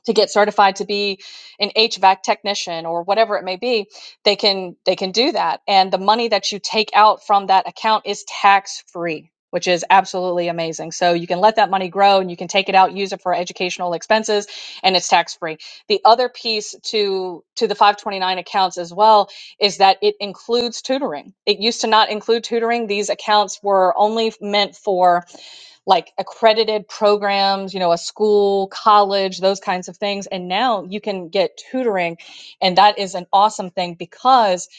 Speaker 3: to get certified to be an HVAC technician or whatever it may be, they can they can do that. And the money that you take out from that account is tax free, which is absolutely amazing. So you can let that money grow and you can take it out, use it for educational expenses, and it's tax free. The other piece to to the 529 accounts as well is that it includes tutoring. It used to not include tutoring. These accounts were only meant for like accredited programs, you know, a school, college, those kinds of things. And now you can get tutoring. And that is an awesome thing because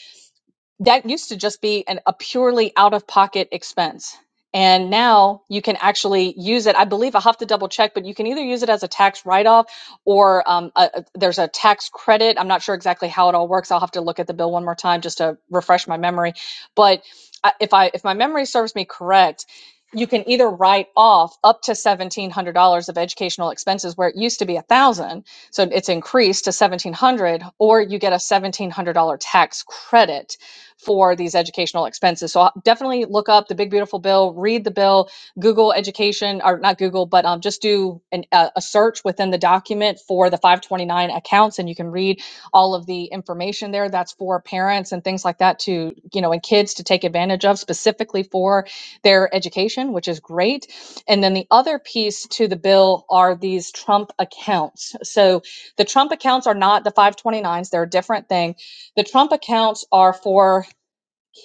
Speaker 3: that used to just be an, a purely out of pocket expense. And now you can actually use it. I believe I have to double check, but you can either use it as a tax write off or um, a, a- there's a tax credit. I'm not sure exactly how it all works. I'll have to look at the bill one more time just to refresh my memory. But I- if I if my memory serves me correct, you can either write off up to seventeen hundred dollars of educational expenses where it used to be a thousand, so it's increased to seventeen hundred, or you get a seventeen hundred dollar tax credit for these educational expenses. So uh, definitely look up the Big Beautiful Bill, read the bill, Google education, or not Google, but um, just do an, a, a search within the document for the 529 accounts, and you can read all of the information there. That's for parents and things like that to, you know, and kids to take advantage of specifically for their education, which is great. And then the other piece to the bill are these Trump accounts. So the Trump accounts are not the 529s, they're a different thing. The Trump accounts are for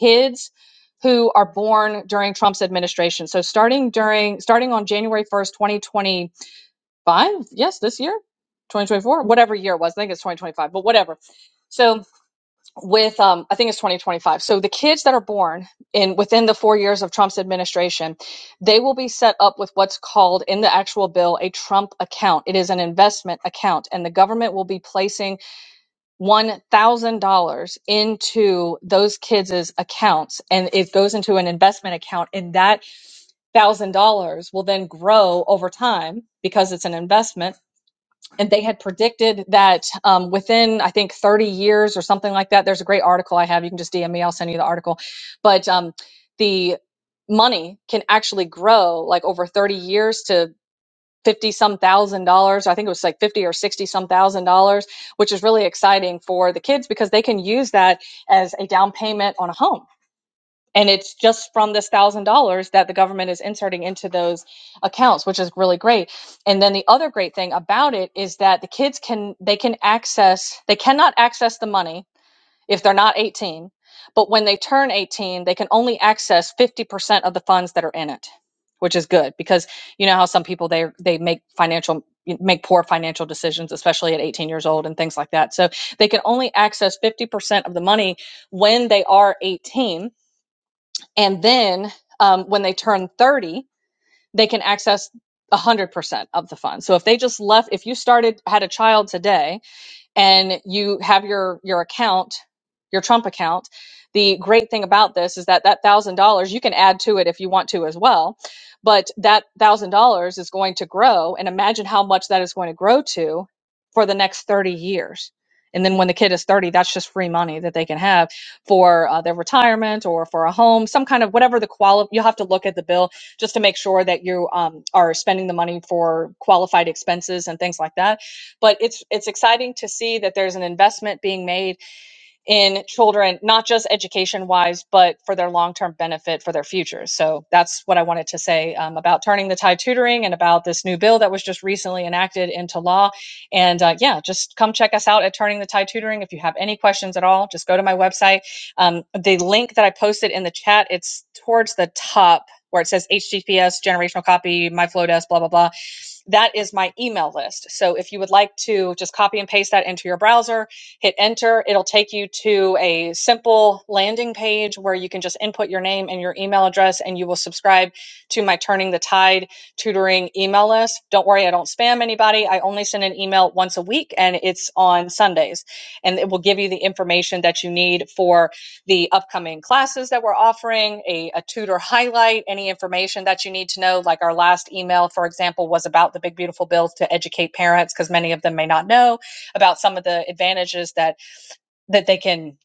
Speaker 3: kids who are born during Trump's administration. So starting during starting on January 1st, 2025, yes, this year, 2024, whatever year it was. I think it's 2025, but whatever. So with um I think it's 2025. So the kids that are born in within the 4 years of Trump's administration, they will be set up with what's called in the actual bill a Trump account. It is an investment account and the government will be placing $1,000 into those kids' accounts and it goes into an investment account and that $1,000 will then grow over time because it's an investment. And they had predicted that um, within, I think, 30 years or something like that. There's a great article I have. You can just DM me, I'll send you the article. But um, the money can actually grow like over 30 years to 50 some thousand dollars. I think it was like 50 or 60 some thousand dollars, which is really exciting for the kids because they can use that as a down payment on a home. And it's just from this thousand dollars that the government is inserting into those accounts, which is really great. And then the other great thing about it is that the kids can, they can access, they cannot access the money if they're not 18. But when they turn 18, they can only access 50% of the funds that are in it, which is good because you know how some people they they make financial make poor financial decisions especially at 18 years old and things like that. So they can only access 50% of the money when they are 18 and then um, when they turn 30, they can access 100% of the funds. So if they just left if you started had a child today and you have your your account your trump account the great thing about this is that that one thousand dollars you can add to it if you want to as well but that one thousand dollars is going to grow and imagine how much that is going to grow to for the next 30 years and then when the kid is 30 that's just free money that they can have for uh, their retirement or for a home some kind of whatever the quali you'll have to look at the bill just to make sure that you um, are spending the money for qualified expenses and things like that but it's it's exciting to see that there's an investment being made in children not just education wise but for their long-term benefit for their futures so that's what i wanted to say um, about turning the tide tutoring and about this new bill that was just recently enacted into law and uh, yeah just come check us out at turning the tide tutoring if you have any questions at all just go to my website um, the link that i posted in the chat it's towards the top where it says https generational copy my flow desk blah blah blah that is my email list. So if you would like to just copy and paste that into your browser, hit enter, it'll take you to a simple landing page where you can just input your name and your email address and you will subscribe to my Turning the Tide tutoring email list. Don't worry, I don't spam anybody. I only send an email once a week and it's on Sundays and it will give you the information that you need for the upcoming classes that we're offering, a, a tutor highlight, any information that you need to know. Like our last email, for example, was about the Big Beautiful Bill to educate parents because many of them may not know about some of the advantages that that they can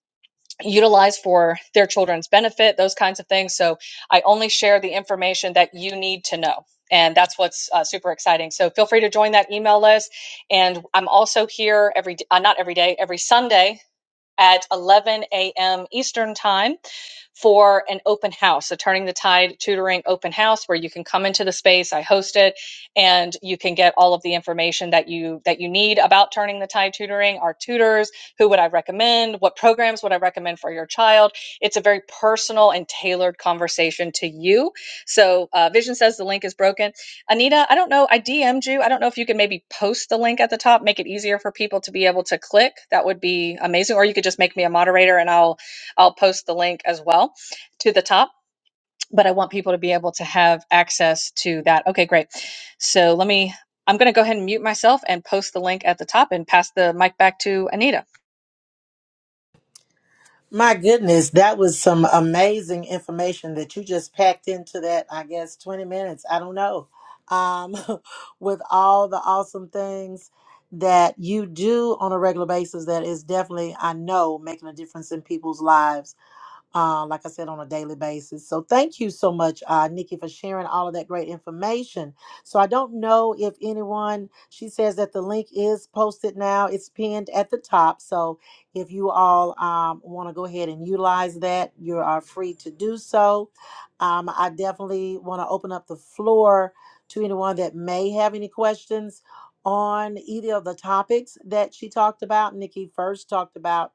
Speaker 3: utilize for their children's benefit, those kinds of things. So I only share the information that you need to know. And that's what's uh, super exciting. So feel free to join that email list. And I'm also here every, uh, not every day, every Sunday at 11 a.m. Eastern Time for an open house, a Turning the Tide tutoring open house where you can come into the space. I host it and you can get all of the information that you that you need about Turning the Tide tutoring, our tutors, who would I recommend, what programs would I recommend for your child. It's a very personal and tailored conversation to you. So uh, Vision says the link is broken. Anita, I don't know. I DM'd you. I don't know if you could maybe post the link at the top, make it easier for people to be able to click. That would be amazing. Or you could just make me a moderator and I'll I'll post the link as well to the top. But I want people to be able to have access to that. Okay, great. So let me I'm gonna go ahead and mute myself and post the link at the top and pass the mic back to Anita.
Speaker 1: My goodness, that was some amazing information that you just packed into that, I guess, 20 minutes. I don't know. Um, with all the awesome things that you do on a regular basis, that is definitely, I know, making a difference in people's lives uh, like I said, on a daily basis. So thank you so much, uh, Nikki, for sharing all of that great information. So I don't know if anyone, she says that the link is posted now, it's pinned at the top. So if you all um, want to go ahead and utilize that, you are free to do so. Um, I definitely want to open up the floor to anyone that may have any questions on either of the topics that she talked about. Nikki first talked about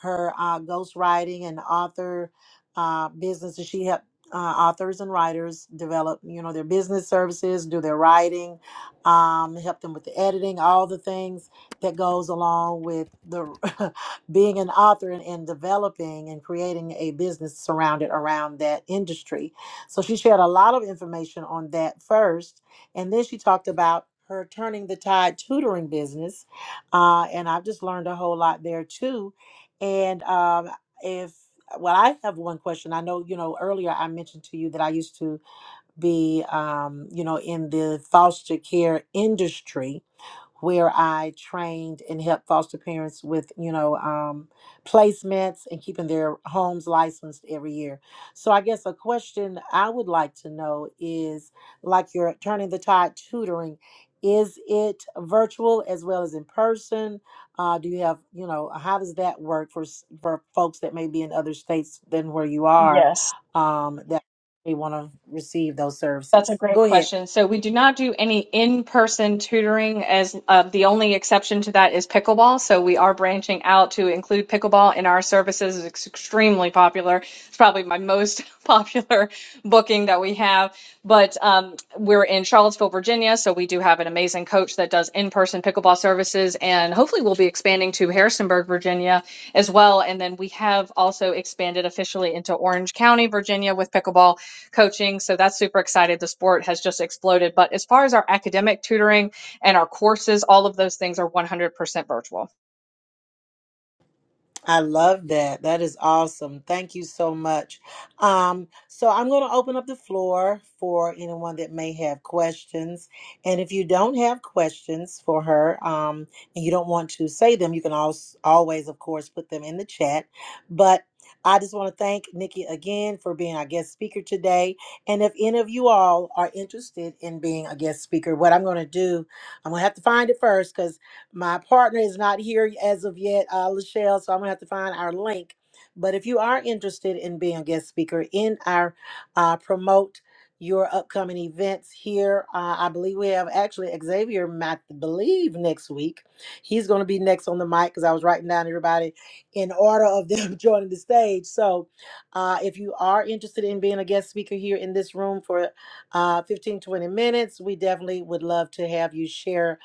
Speaker 1: her uh, ghostwriting and author uh, business. And she helped uh, authors and writers develop, you know, their business services, do their writing, um, help them with the editing, all the things that goes along with the being an author and, and developing and creating a business surrounded around that industry. So she shared a lot of information on that first. And then she talked about her turning the tide tutoring business. Uh, and I've just learned a whole lot there too and um, if, well, I have one question. I know, you know, earlier I mentioned to you that I used to be, um, you know, in the foster care industry where I trained and helped foster parents with, you know, um, placements and keeping their homes licensed every year. So I guess a question I would like to know is like you're turning the tide tutoring, is it virtual as well as in person? Uh, do you have, you know, how does that work for s- for folks that may be in other states than where you are
Speaker 3: Yes.
Speaker 1: um, that may want to receive those
Speaker 3: That's a
Speaker 1: services?
Speaker 3: great
Speaker 1: Go ahead.
Speaker 3: question. So we do not do any in-person tutoring as uh, the only exception to that is pickleball. So we are branching out to include pickleball in our services. It's extremely popular. It's probably my most popular booking that we have. But um, we're in Charlottesville, Virginia, so we do have an amazing coach that does in-person pickleball services, and hopefully we'll be expanding to Harrisonburg, Virginia as well. And then we have also expanded officially into Orange County, Virginia with pickleball coaching. So that's super excited. The sport has just exploded. But as far as our academic tutoring and our courses, all of those things are 100% virtual.
Speaker 1: I love that. That is awesome. Thank you so much. Um, so I'm going to open up the floor for anyone that may have questions. And if you don't have questions for her um, and you don't want to say them, you can also, always, of course, put them in the chat. But I just want to thank Nikki again for being our guest speaker today. And if any of you all are interested in being a guest speaker, what I'm going to do, I'm going to have to find it first my partner is not here as of yet, uh, Lachelle, so I'm gonna have to find our link. But if you are interested in being a guest speaker in our uh, promote your upcoming events here, uh, I believe we have actually Xavier, I believe next week. He's going to be next on the mic because I was writing down everybody in order of them joining the stage. So uh, if you are interested in being a guest speaker here in this room for uh, 15, 20 minutes, we definitely would love to have you share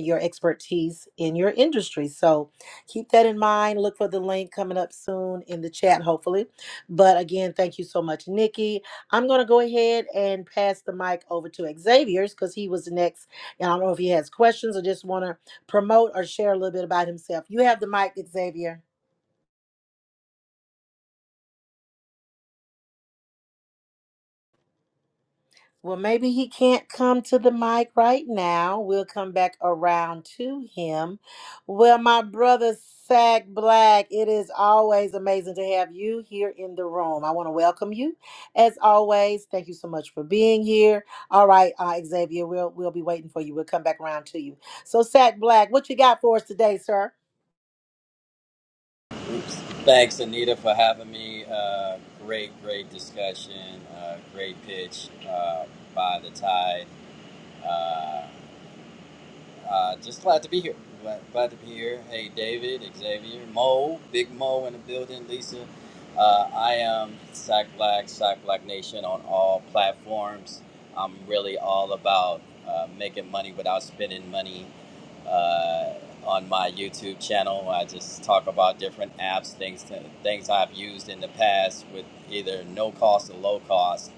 Speaker 1: your expertise in your industry. So keep that in mind. Look for the link coming up soon in the chat, hopefully. But again, thank you so much, Nikki. I'm going to go ahead and pass the mic over to Xavier's because he was the next. And I don't know if he has questions or just want to promote or share a little bit about himself. You have the mic, Xavier. Well, maybe he can't come to the mic right now. We'll come back around to him. Well, my brother Sack Black, it is always amazing to have you here in the room. I want to welcome you, as always. Thank you so much for being here. All right, uh, Xavier, we'll we'll be waiting for you. We'll come back around to you. So, Sack Black, what you got for us today, sir?
Speaker 4: Oops. Thanks, Anita, for having me. Uh, great, great discussion. Uh, great pitch uh, by the tide. Uh, uh, just glad to be here. Glad, glad to be here. Hey, David, Xavier, Mo, Big Mo in the building, Lisa. Uh, I am Sack Black, Sack Black Nation on all platforms. I'm really all about uh, making money without spending money uh, on my YouTube channel. I just talk about different apps, things, to, things I've used in the past with either no cost or low cost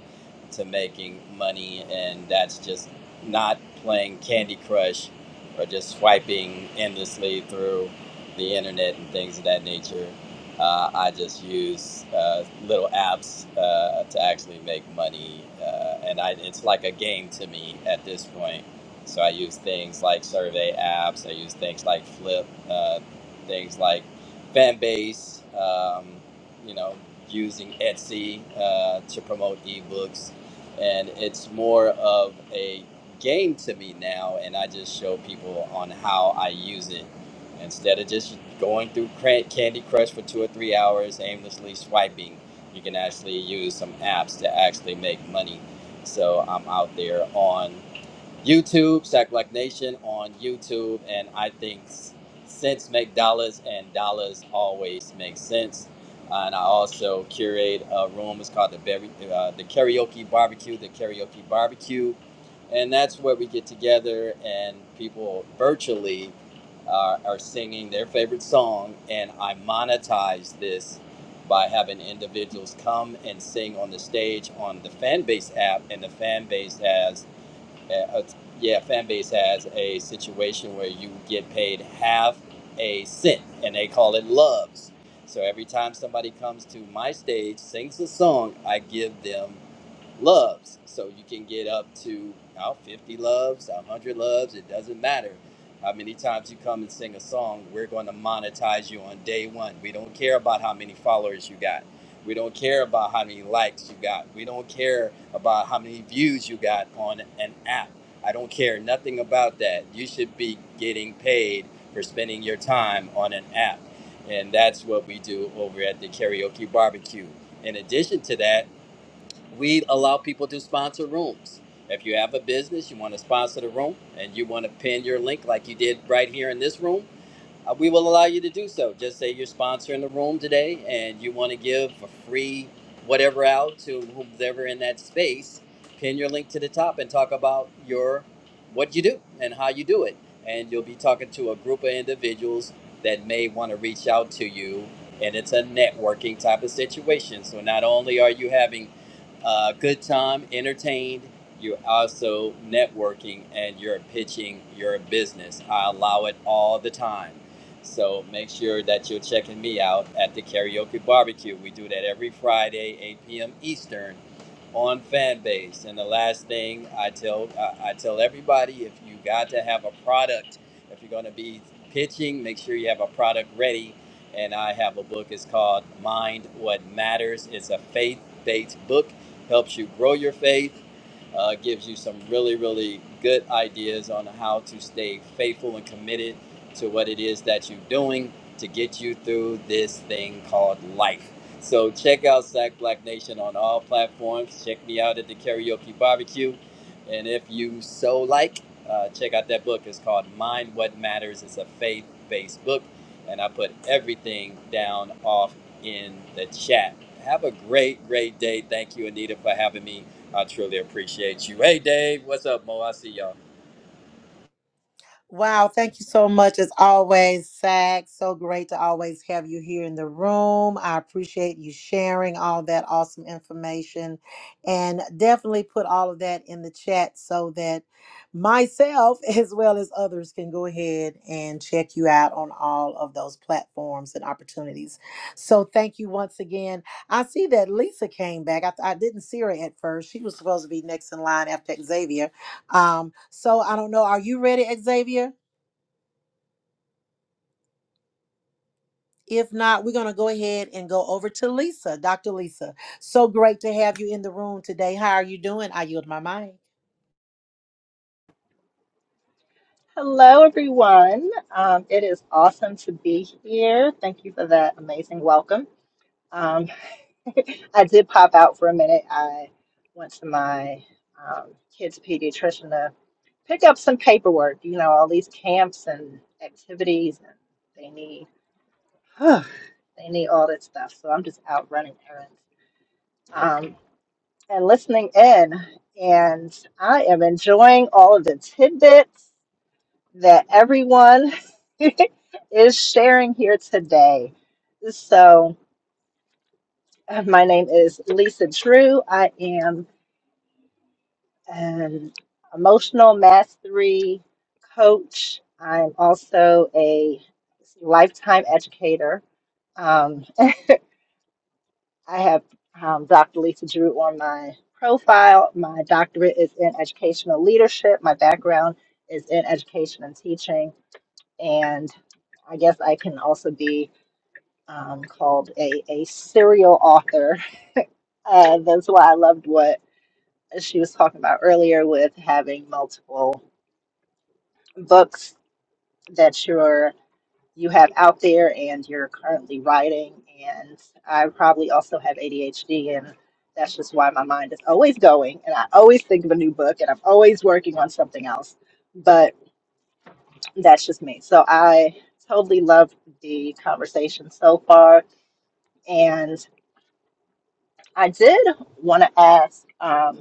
Speaker 4: to making money, and that's just not playing Candy Crush or just swiping endlessly through the internet and things of that nature. Uh, I just use uh, little apps uh, to actually make money, uh, and I, it's like a game to me at this point. So I use things like survey apps. I use things like Flip, uh, things like Fanbase. Um, you know, using Etsy uh, to promote ebooks and it's more of a game to me now and i just show people on how i use it instead of just going through Cran- candy crush for two or three hours aimlessly swiping you can actually use some apps to actually make money so i'm out there on YouTube, Sack Black Nation on YouTube, and I think s- sense make dollars, and dollars always make sense. Uh, and I also curate a room. It's called the Berry, uh, the Karaoke Barbecue, the Karaoke Barbecue, and that's where we get together and people virtually uh, are singing their favorite song, and I monetize this by having individuals come and sing on the stage on the Fanbase app, and the Fanbase has uh, yeah, fan base has a situation where you get paid half a cent, and they call it loves. So every time somebody comes to my stage, sings a song, I give them loves. So you can get up to how 50 loves, 100 loves, it doesn't matter. How many times you come and sing a song, we're going to monetize you on day one. We don't care about how many followers you got. We don't care about how many likes you got. We don't care about how many views you got on an app. I don't care nothing about that. You should be getting paid for spending your time on an app. And that's what we do over at the karaoke barbecue. In addition to that, we allow people to sponsor rooms. If you have a business, you want to sponsor the room, and you want to pin your link like you did right here in this room, uh, we will allow you to do so. Just say you're sponsoring the room today, and you want to give a free whatever out to whomever in that space. Pin your link to the top and talk about your what you do and how you do it, and you'll be talking to a group of individuals that may want to reach out to you, and it's a networking type of situation. So not only are you having uh, good time, entertained. You're also networking and you're pitching your business. I allow it all the time. So make sure that you're checking me out at the karaoke barbecue. We do that every Friday, 8 p.m. Eastern on Fanbase. And the last thing I tell I I tell everybody if you got to have a product, if you're going to be pitching, make sure you have a product ready. And I have a book. It's called Mind What Matters. It's a faith-based book helps you grow your faith, uh, gives you some really, really good ideas on how to stay faithful and committed to what it is that you're doing to get you through this thing called life. So check out Sack Black Nation on all platforms. Check me out at the Karaoke Barbecue. And if you so like, uh, check out that book. It's called Mind What Matters. It's a faith based book and I put everything down off in the chat. Have a great, great day. Thank you, Anita, for having me. I truly appreciate you. Hey, Dave, what's up, Mo? I see y'all.
Speaker 1: Wow, thank you so much as always, Zach. So great to always have you here in the room. I appreciate you sharing all that awesome information and definitely put all of that in the chat so that myself as well as others can go ahead and check you out on all of those platforms and opportunities. So thank you once again. I see that Lisa came back. I, I didn't see her at first. She was supposed to be next in line after Xavier um, so I don't know. Are you ready, Xavier? If not, we're going to go ahead and go over to Lisa, Dr. Lisa. So great to have you in the room today. How are you doing? I yield my mic.
Speaker 5: Hello, everyone. Um, it is awesome to be here. Thank you for that amazing welcome. Um, I did pop out for a minute. I went to my um, kids' pediatrician to pick up some paperwork. You know, all these camps and activities, and they need they need all that stuff. So I'm just out running errands um, and listening in, and I am enjoying all of the tidbits that everyone is sharing here today. So, uh, my name is Lisa Drew. I am an emotional mastery coach. I'm also a lifetime educator. Um, I have um, Dr. Lisa Drew on my profile. My doctorate is in educational leadership. My background is in education and teaching. And I guess I can also be um, called a, a serial author. Uh, that's why I loved what she was talking about earlier with having multiple books that you're you have out there and you're currently writing. And I probably also have ADHD, and that's just why my mind is always going, and I always think of a new book, and I'm always working on something else. But that's just me. So I totally loved the conversation so far. And I did want to ask, um,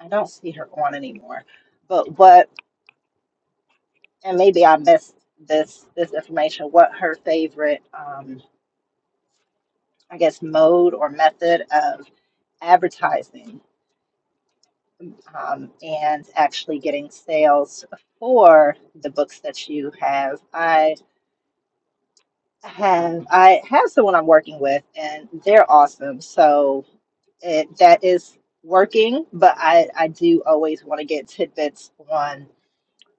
Speaker 5: I don't see her on anymore, but what, and maybe I missed this this information, what her favorite, um, I guess, mode or method of advertising um, and actually getting sales for the books that you have. I have I have someone I'm working with, and they're awesome. So it, that is working, but I I do always want to get tidbits on.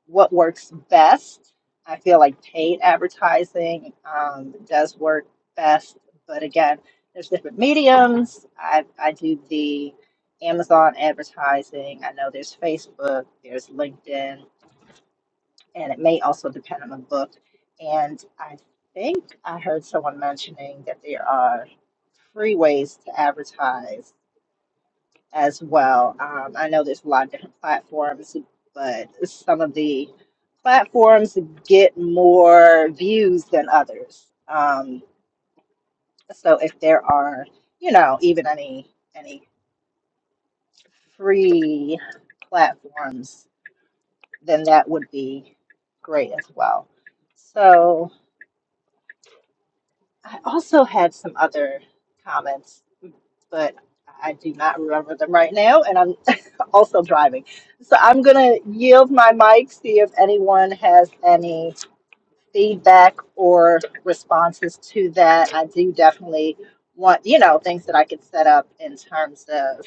Speaker 5: what works best. I feel like paid advertising um, does work best, but again, there's different mediums. I, I do the Amazon advertising. I know there's Facebook, there's LinkedIn, and it may also depend on the book. And I think I heard someone mentioning that there are free ways to advertise as well. Um, I know there's a lot of different platforms, but some of the platforms get more views than others. Um, so if there are, you know, even any any free platforms, then that would be great as well. So I also had some other comments, but I do not remember them right now, and I'm also driving. So I'm going to yield my mic, see if anyone has any feedback or responses to that. I do definitely want, you know, things that I could set up in terms of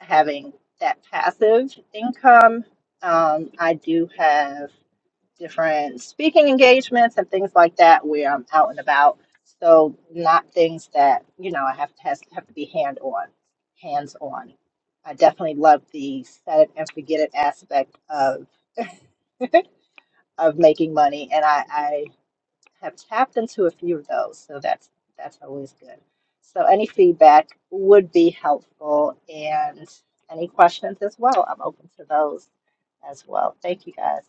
Speaker 5: having that passive income. Um, I do have different speaking engagements and things like that where I'm out and about. So not things that you know I have to has, have to be hand on, hands on. I definitely love the set it and forget it aspect of of making money, and I, I have tapped into a few of those. So that's that's always good. So any feedback would be helpful, and any questions as well. I'm open to those as well. Thank you guys.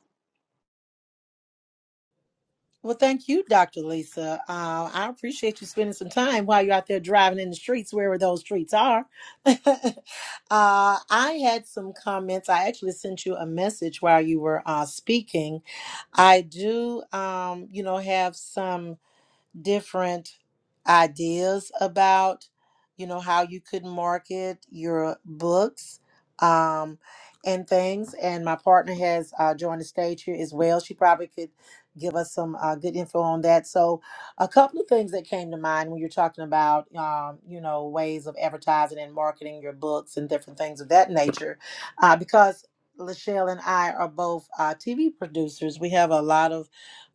Speaker 1: Well, thank you, Dr. Lisa. Uh, I appreciate you spending some time while you're out there driving in the streets, wherever those streets are. uh, I had some comments. I actually sent you a message while you were uh, speaking. I do, um, you know, have some different ideas about you know how you could market your books um, and things and my partner has uh, joined the stage here as well she probably could give us some uh, good info on that so a couple of things that came to mind when you're talking about um, you know ways of advertising and marketing your books and different things of that nature uh, because lachelle and i are both uh, tv producers we have a lot of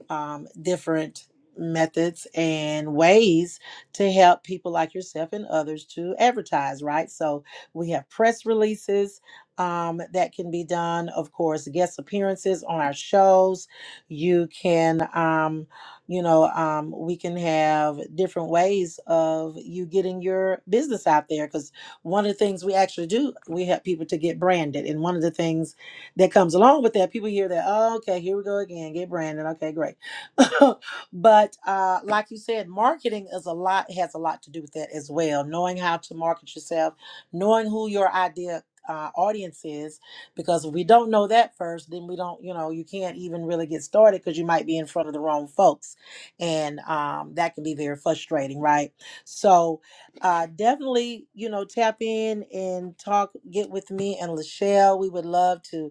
Speaker 1: um, different methods and ways to help people like yourself and others to advertise, right? So we have press releases um, that can be done, of course, guest appearances on our shows. You can, um, you know, um, we can have different ways of you getting your business out there because one of the things we actually do, we help people to get branded. And one of the things that comes along with that, people hear that, oh, okay, here we go again, get branded. Okay, great but uh, like you said, marketing is a lot has a lot to do with that as well. Knowing how to market yourself, knowing who your idea uh, audience is, because if we don't know that first, then we don't, you know, you can't even really get started because you might be in front of the wrong folks, and um, that can be very frustrating, right? So uh, definitely, you know, tap in and talk, get with me and Lachelle. We would love to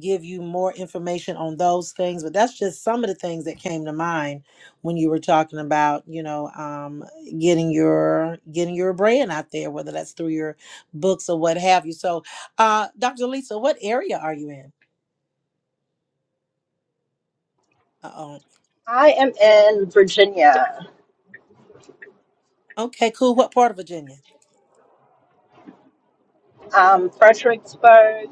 Speaker 1: give you more information on those things but that's just some of the things that came to mind when you were talking about you know um, getting your getting your brand out there whether that's through your books or what have you so uh, dr lisa what area are you in uh-oh
Speaker 5: I am in Virginia.
Speaker 1: okay cool what part of virginia
Speaker 5: Um, Fredericksburg.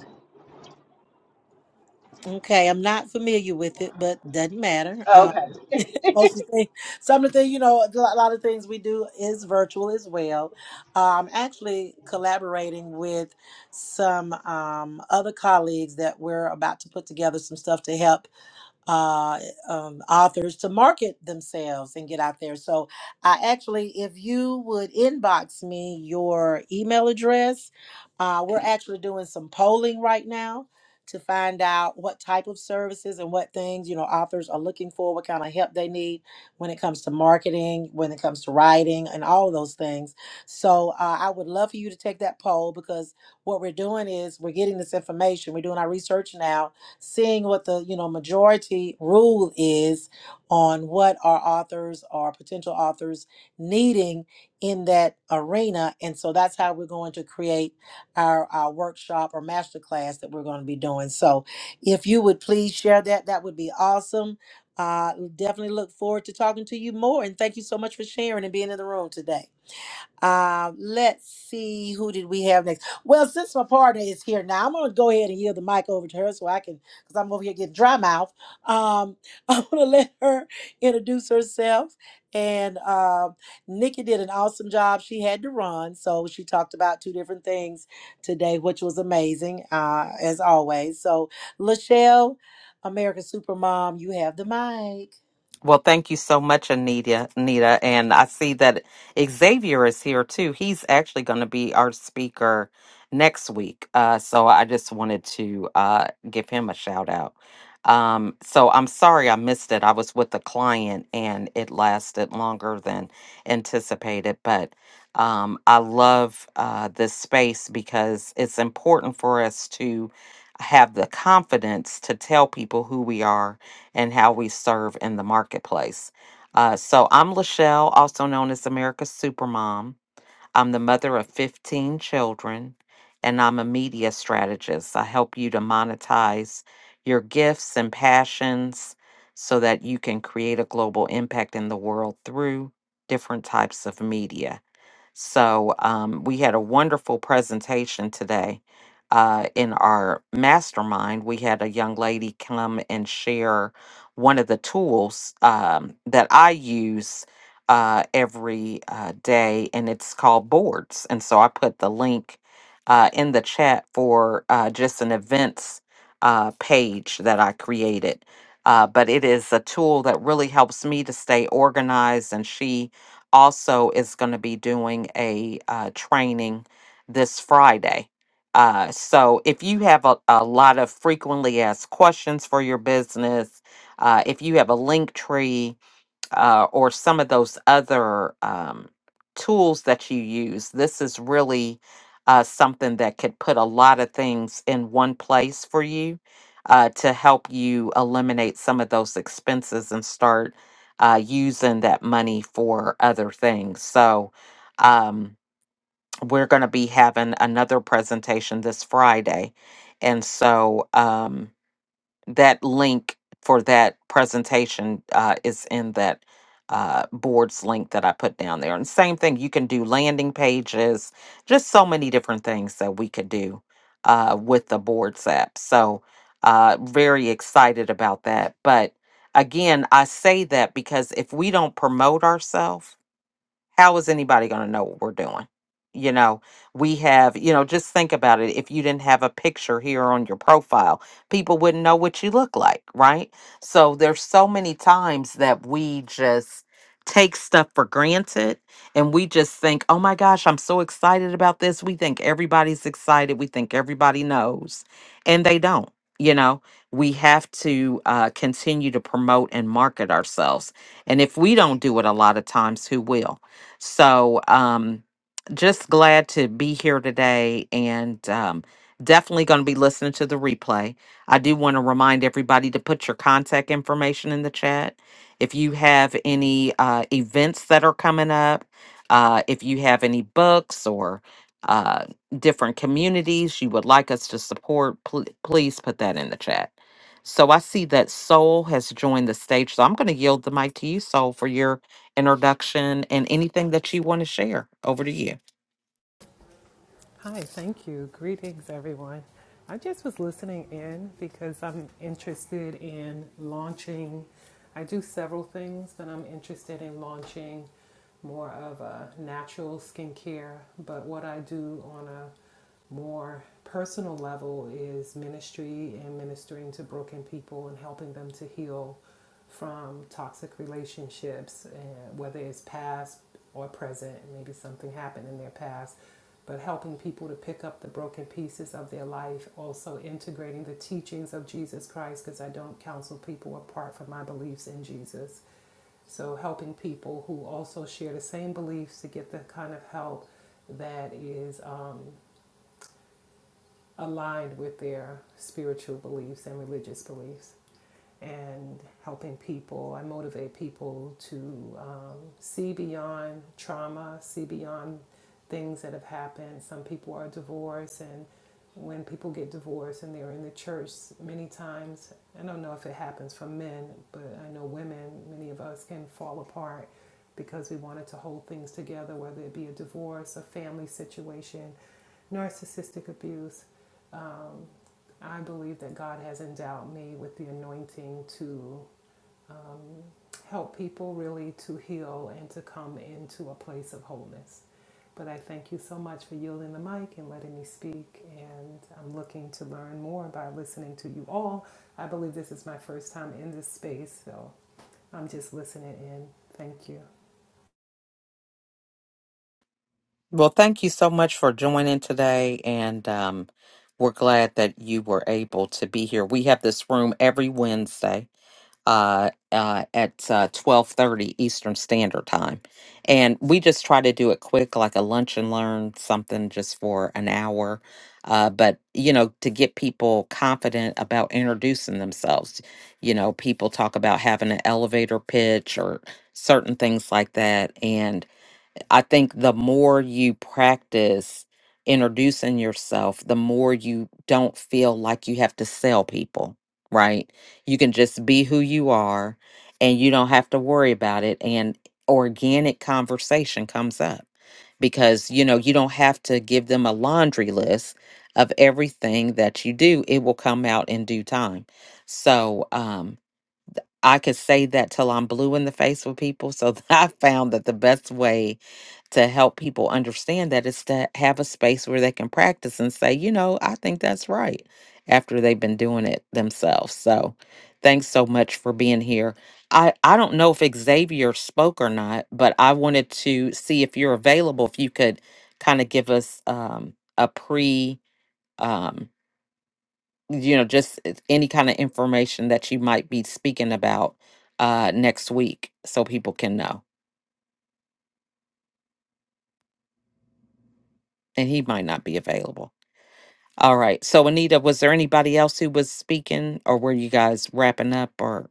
Speaker 1: okay i'm not familiar with it but doesn't matter Uh,
Speaker 5: Oh, Okay.
Speaker 1: most of the thing, some of the thing, you know, a lot a lot of things we do is virtual as well. Uh, I'm actually collaborating with some um, other colleagues that we're about to put together some stuff to help uh, um, authors to market themselves and get out there. So I actually, if you would inbox me your email address, uh, we're actually doing some polling right now to find out what type of services and what things you know authors are looking for what kind of help they need when it comes to marketing when it comes to writing and all of those things so uh, i would love for you to take that poll because what we're doing is we're getting this information we're doing our research now seeing what the you know majority rule is on what our authors or potential authors needing in that arena and so that's how we're going to create our, our workshop or master class that we're going to be doing so if you would please share that that would be awesome uh, definitely look forward to talking to you more and thank you so much for sharing and being in the room today um, let's see who did we have next. Well, since my partner is here now, I'm gonna go ahead and yield the mic over to her so I can, because I'm over here getting dry mouth. Um, I'm gonna let her introduce herself. And um, Nikki did an awesome job. She had to run, so she talked about two different things today, which was amazing uh, as always. So, Lachelle, America's Supermom, you have the mic.
Speaker 6: Well, thank you so much, Anita. Anita, and I see that Xavier is here too. He's actually going to be our speaker next week. Uh, so I just wanted to uh, give him a shout out. Um, so I'm sorry I missed it. I was with a client, and it lasted longer than anticipated. But um, I love uh, this space because it's important for us to have the confidence to tell people who we are and how we serve in the marketplace. Uh, so I'm Lachelle, also known as America's Supermom. I'm the mother of 15 children, and I'm a media strategist. I help you to monetize your gifts and passions so that you can create a global impact in the world through different types of media. So um, we had a wonderful presentation today. Uh, in our mastermind, we had a young lady come and share one of the tools um, that I use uh, every uh, day, and it's called Boards. And so I put the link uh, in the chat for uh, just an events uh, page that I created. Uh, but it is a tool that really helps me to stay organized, and she also is going to be doing a uh, training this Friday. Uh, so if you have a, a lot of frequently asked questions for your business, uh, if you have a link tree, uh, or some of those other um, tools that you use. This is really uh, something that could put a lot of things in one place for you uh, to help you eliminate some of those expenses and start uh, using that money for other things. So, um, we're going to be having another presentation this Friday. And so, um, that link for that presentation uh, is in that uh, boards link that I put down there. And same thing, you can do landing pages, just so many different things that we could do uh, with the boards app. So, uh, very excited about that. But again, I say that because if we don't promote ourselves, how is anybody going to know what we're doing? You know, we have, you know, just think about it. If you didn't have a picture here on your profile, people wouldn't know what you look like, right? So there's so many times that we just take stuff for granted and we just think, oh my gosh, I'm so excited about this. We think everybody's excited. We think everybody knows, and they don't. You know, we have to uh, continue to promote and market ourselves. And if we don't do it a lot of times, who will? So, um, just glad to be here today and um, definitely going to be listening to the replay. I do want to remind everybody to put your contact information in the chat. If you have any uh, events that are coming up, uh, if you have any books or uh, different communities you would like us to support, pl- please put that in the chat. So I see that Soul has joined the stage. So I'm going to yield the mic to you, Soul, for your introduction, and anything that you want to share. Over to you.
Speaker 7: Hi, thank you. Greetings, everyone. I just was listening in because I'm interested in launching. I do several things, but I'm interested in launching more of a natural skincare. But what I do on a more personal level is ministry and ministering to broken people and helping them to heal from toxic relationships, eh, whether it's past or present, maybe something happened in their past but helping people to pick up the broken pieces of their life, also integrating the teachings of Jesus Christ, because I don't counsel people apart from my beliefs in Jesus. So, helping people who also share the same beliefs to get the kind of help that is um, aligned with their spiritual beliefs and religious beliefs and helping people. I motivate people to um, see beyond trauma, see beyond things that have happened. Some people are divorced, and when people get divorced and they're in the church, many times, I don't know if it happens for men, but I know women, many of us can fall apart because we wanted to hold things together, whether it be a divorce, a family situation narcissistic abuse, um, I believe that God has endowed me with the anointing to um, help people really to heal and to come into a place of wholeness. But I thank you so much for yielding the mic and letting me speak. And I'm looking to learn more by listening to you all. I believe this is my first time in this space, so I'm just listening in. Thank you.
Speaker 6: Well, thank you so much for joining today, and um, we're glad that you were able to be here. We have this room every Wednesday. uh, uh, at uh, twelve thirty Eastern Standard Time, and we just try to do it quick, like a lunch and learn something, just for an hour. Uh, but you know, to get people confident about introducing themselves, you know, people talk about having an elevator pitch or certain things like that, and I think the more you practice introducing yourself, the more you don't feel like you have to sell people, right? You can just be who you are and you don't have to worry about it. And organic conversation comes up because, you know, you don't have to give them a laundry list of everything that you do. It will come out in due time. So, um, I could say that till I'm blue in the face with people. So I found that the best way to help people understand that is to have a space where they can practice and say, you know, I think that's right after they've been doing it themselves. So thanks so much for being here. I, I don't know if Xavier spoke or not, but I wanted to see if you're available, if you could kind of give us um, a pre. Um, you know, just if any kind of information that you might be speaking about uh, next week so people can know. And he might not be available. All right. So, Anita, was there anybody else who was speaking or were you guys wrapping up or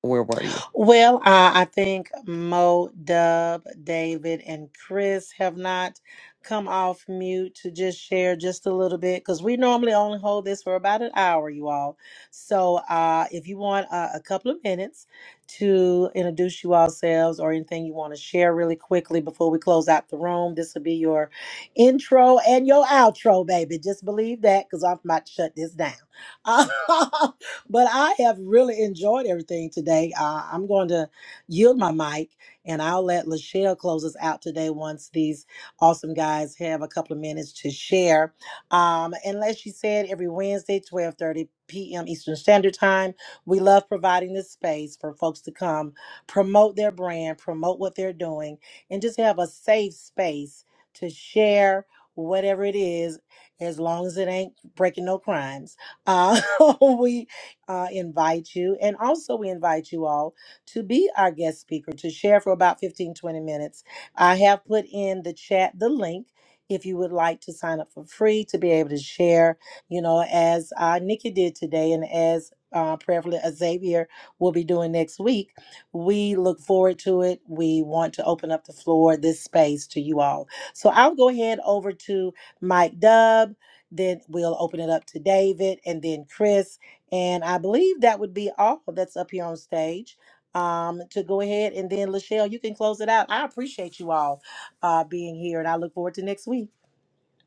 Speaker 6: where were you?
Speaker 1: Well, uh, I think Mo, Dub, David, and Chris have not come off mute to just share just a little bit because we normally only hold this for about an hour, you all. So uh, if you want uh, a couple of minutes to introduce you ourselves or anything you want to share really quickly before we close out the room, this will be your intro and your outro, baby. Just believe that because I'm about to shut this down. but I have really enjoyed everything today. Uh, I'm going to yield my mic and I'll let Lachelle close us out today once these awesome guys have a couple of minutes to share. Um, and like she said, every Wednesday, 1230 p.m. Eastern Standard Time, we love providing this space for folks to come promote their brand, promote what they're doing, and just have a safe space to share whatever it is as long as it ain't breaking no crimes. Uh, we uh, invite you. And also, we invite you all to be our guest speaker, to share for about 15 20 minutes. I have put in the chat the link if you would like to sign up for free to be able to share, you know, as uh, Nikki did today and as uh, prayerfully Xavier will be doing next week. We look forward to it. We want to open up the floor, this space to you all. So I'll go ahead over to Mike Dub. Then we'll open it up to David and then Chris and I believe that would be all that's up here on stage. Um, to go ahead and then Lachelle, you can close it out. I appreciate you all uh being here and I look forward to next week.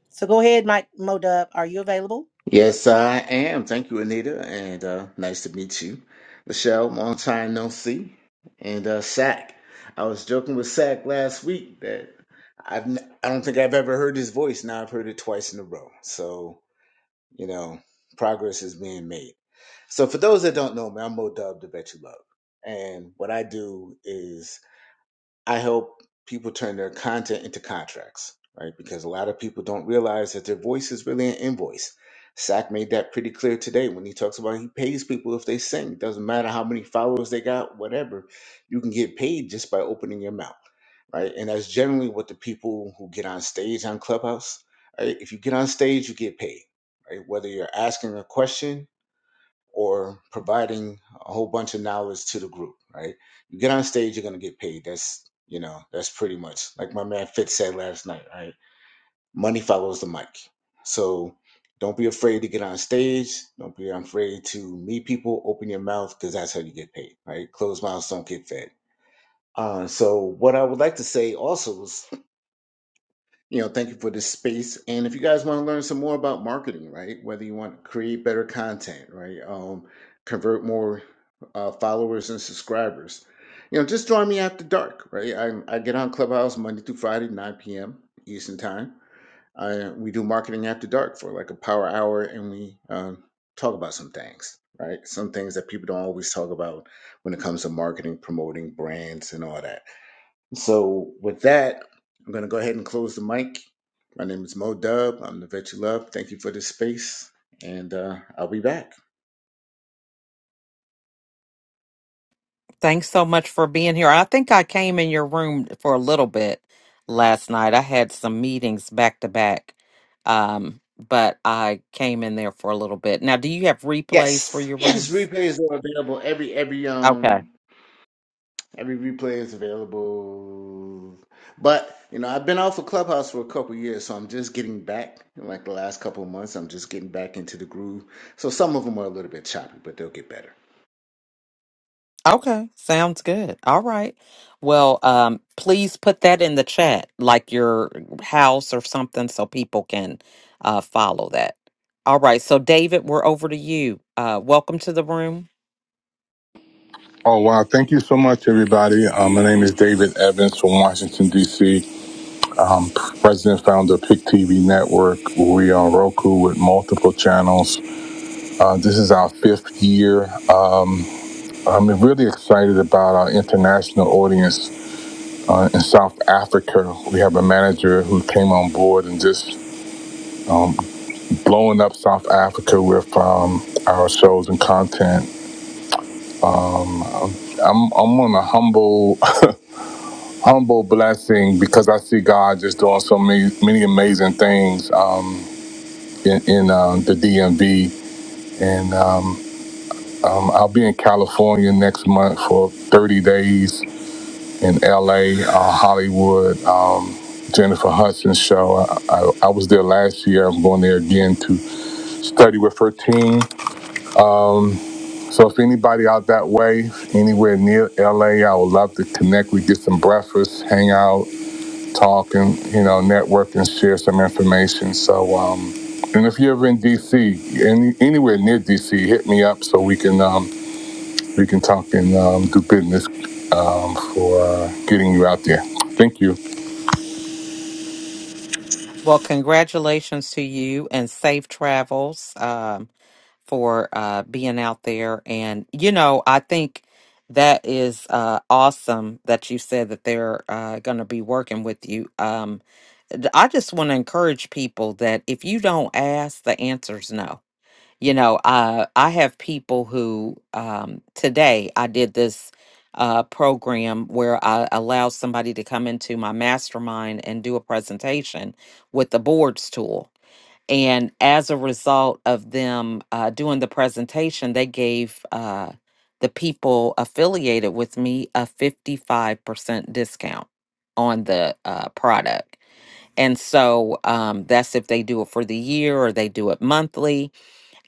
Speaker 1: So go ahead, Mike Modub. Are you available?
Speaker 8: Yes, I am. Thank you, Anita, and uh, nice to meet you, Michelle. Long time no see, and uh, Sack. I was joking with Sack last week that I've n- I don't think I've ever heard his voice. Now I've heard it twice in a row. So you know, progress is being made. So for those that don't know me, I'm Mo Dub, the Bet You Love, and what I do is I help people turn their content into contracts, right? Because a lot of people don't realize that their voice is really an invoice. Sack made that pretty clear today when he talks about he pays people if they sing. It Doesn't matter how many followers they got, whatever. You can get paid just by opening your mouth, right? And that's generally what the people who get on stage on Clubhouse, right? If you get on stage, you get paid, right? Whether you're asking a question or providing a whole bunch of knowledge to the group, right? You get on stage, you're gonna get paid. That's you know, that's pretty much like my man Fitz said last night, right? Money follows the mic. So don't be afraid to get on stage. Don't be afraid to meet people. Open your mouth because that's how you get paid, right? Closed mouths don't get fed. Uh, so what I would like to say also is you know, thank you for this space. And if you guys want to learn some more about marketing, right? Whether you want to create better content, right? Um, convert more uh, followers and subscribers, you know, just join me after dark, right? I, I get on Clubhouse Monday through Friday, 9 p.m. Eastern Time. I, we do marketing after dark for like a power hour and we um, talk about some things, right? Some things that people don't always talk about when it comes to marketing, promoting brands, and all that. So with that, I'm going to go ahead and close the mic. My name is Mo Dub. I'm the vet you love. Thank you for this space, and uh, I'll be back.
Speaker 6: Thanks so much for being here. I think I came in your room for a little bit last night. I had some meetings back to back, um, but I came in there for a little bit. Now, do you have replays for
Speaker 8: Yes,
Speaker 6: your
Speaker 8: yes.
Speaker 6: rooms?
Speaker 8: Replays are available. Every every um every replay is available. But you know, I've been off of Clubhouse for a couple years, so I'm just getting back. In like the last couple of months, I'm just getting back into the groove. So some of them are a little bit choppy, but they'll get better.
Speaker 6: Okay, sounds good. All right. Well, um, please put that in the chat, like your house or something, so people can uh, follow that. All right. So, David, we're over to you. Uh, welcome to the room.
Speaker 9: Oh wow! Thank you so much, everybody. Um, my name is David Evans from Washington D.C. am president and founder of Pick TV Network. We are Roku with multiple channels. Uh, this is our fifth year. I'm really excited about our international audience uh, in South Africa. We have a manager who came on board and just um, blowing up South Africa with um, our shows and content. Um, I'm I'm on a humble humble blessing because I see God just doing so many, many amazing things um, in, in um, the DMV. And um, um, I'll be in California next month for 30 days in LA, uh, Hollywood, um, Jennifer Hudson's show. I, I, I was there last year. I'm going there again to study with her team. So if anybody out that way, anywhere near LA, I would love to connect. We get some breakfast, hang out. talk and you know network and share some information. So, um, and if you're ever in DC, any, anywhere near DC, hit me up so we can um, we can talk and um, do business um, for uh, getting you out there. Thank you.
Speaker 6: Well, congratulations to you and safe travels um, for uh, being out there. And, you know, I think that is uh, awesome that you said that they're uh, going to be working with you. Um, d- I just want to encourage people that if you don't ask, the answer's no you know uh, i have people who um, today i did this uh, program where i allow somebody to come into my mastermind and do a presentation with the boards tool and as a result of them uh, doing the presentation they gave uh, the people affiliated with me a 55% discount on the uh, product and so um, that's if they do it for the year or they do it monthly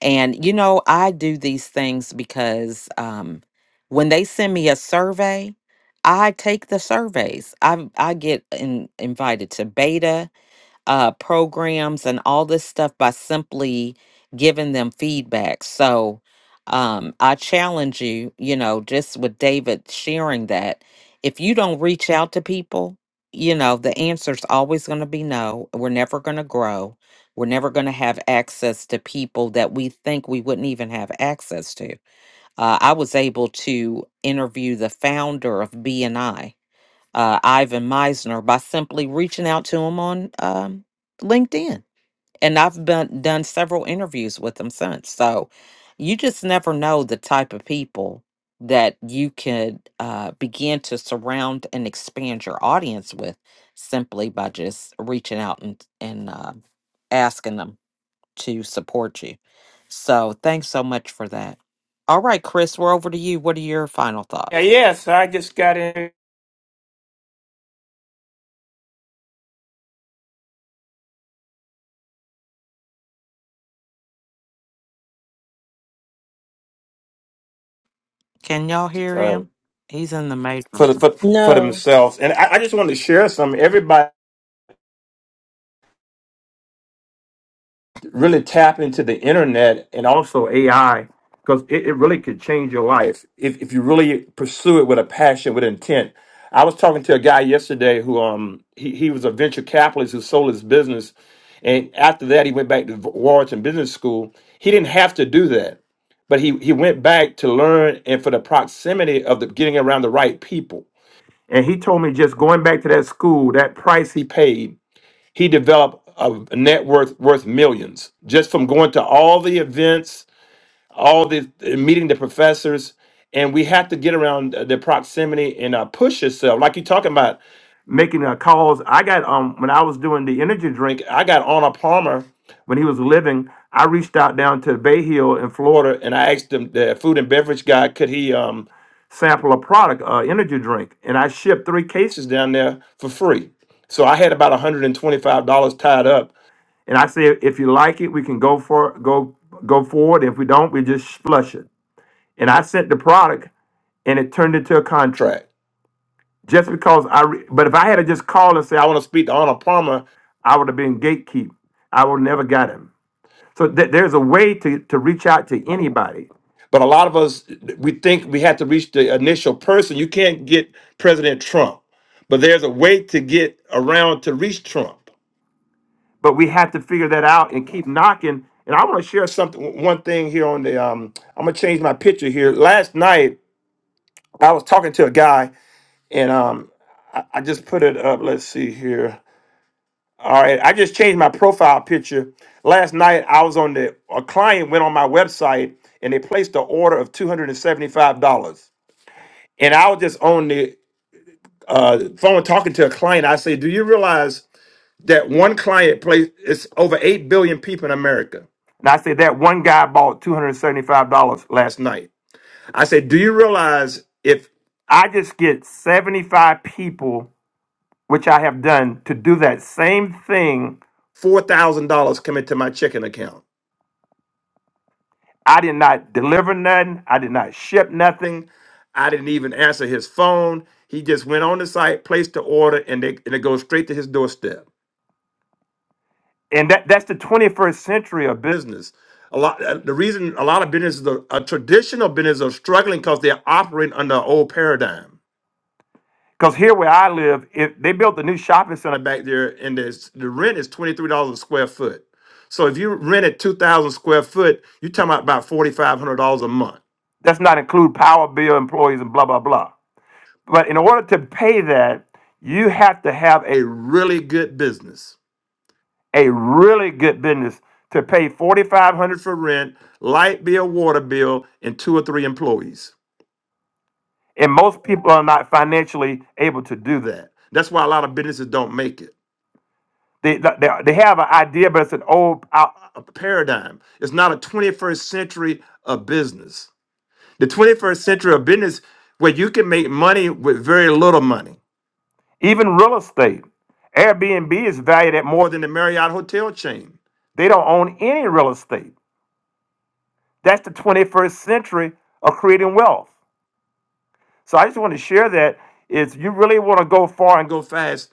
Speaker 6: and you know, I do these things because um, when they send me a survey, I take the surveys. I I get in, invited to beta uh, programs and all this stuff by simply giving them feedback. So um, I challenge you, you know, just with David sharing that, if you don't reach out to people, you know, the answer's always going to be no. We're never going to grow. We're never going to have access to people that we think we wouldn't even have access to. Uh, I was able to interview the founder of B and I uh, Ivan Meisner by simply reaching out to him on um, LinkedIn. And I've been done several interviews with him since. So you just never know the type of people that you could uh, begin to surround and expand your audience with simply by just reaching out and, and uh, asking them to support you. So thanks so much for that. All right, Chris, we're over to you. What are your final
Speaker 10: Yeah,
Speaker 6: thoughts?
Speaker 10: yeah. So I just got in
Speaker 6: Can y'all hear
Speaker 10: uh,
Speaker 6: him? He's in the
Speaker 10: for the
Speaker 6: matrix.
Speaker 10: for, for
Speaker 1: No.
Speaker 10: themselves, and I, I just wanted to share some. Everybody really tap into the internet and also AI because it, it really could change your life if if you really pursue it with a passion, with intent. I was talking to a guy yesterday who um he, he was a venture capitalist who sold his business, and after that he went back to Wharton Business School. He didn't have to do that, but he he went back to learn and for the proximity of the getting around the right people And he told me just going back to that school, that price he paid, he developed a net worth worth millions just from going to all the events, all the meeting the professors. And we have to get around the proximity and uh, push yourself, like you're talking about making uh, calls. I got um when I was doing the energy drink, I got on Palmer when he was living. I reached out down to Bay Hill in Florida and I asked him the food and beverage guy could he um sample a product, uh, energy drink, and I shipped three cases down there for free. So I had about $125 tied up. And I said, if you like it, we can go for go go forward. If we don't, we just flush it. And I sent the product and it turned into a contract. Just because I, re- but if I had to just call and say I want to speak to Arnold Palmer, I would have been gatekeep. I would never got him. So th- there's a way to to reach out to anybody. But a lot of us we think we have to reach the initial person. You can't get President Trump, but there's a way to get around to reach Trump. But we have to figure that out and keep knocking. And I want to share something. One thing here on the um, I'm gonna change my picture here. Last night I was talking to a guy, and um, I just put it up. Let's see here. All right, I just changed my profile picture. Last night I was on the a client went on my website and they placed an order of two hundred and seventy five dollars. And I was just on the uh, phone talking to a client. I say, "Do you realize that one client placed? It's over eight billion people in America." And I said, "That one guy bought two hundred seventy five dollars last night." I said, "Do you realize if I just get seventy five people?" which I have done, to do that same thing. $4,000 come into my checking account. I did not deliver nothing. I did not ship nothing. I didn't even answer his phone. He just went on the site, placed the order, and, they, and it goes straight to his doorstep. And that, that's the 21st century of business. A lot. uh, The reason a lot of businesses, are, uh, traditional businesses, are struggling because they're operating under an old paradigm. Because here where I live, if they built a new shopping center back there, and there's, the rent is twenty three dollars a square foot. So if you rented two thousand square foot, you're talking about about forty five hundred dollars a month. That's not include power bill, employees, and blah blah blah. But in order to pay that, you have to have a really good business, a really good business to pay forty five hundred for rent, light bill, water bill, and two or three employees. And most people are not financially able to do that. That's why a lot of businesses don't make it. They, they, they have an idea, but it's an old uh, paradigm. It's not a 21st century of business. The 21st century of business where you can make money with very little money. Even real estate. Airbnb is valued at more than the Marriott hotel chain. They don't own any real estate. That's the 21st century of creating wealth. So I just want to share that is you really want to go far and go fast,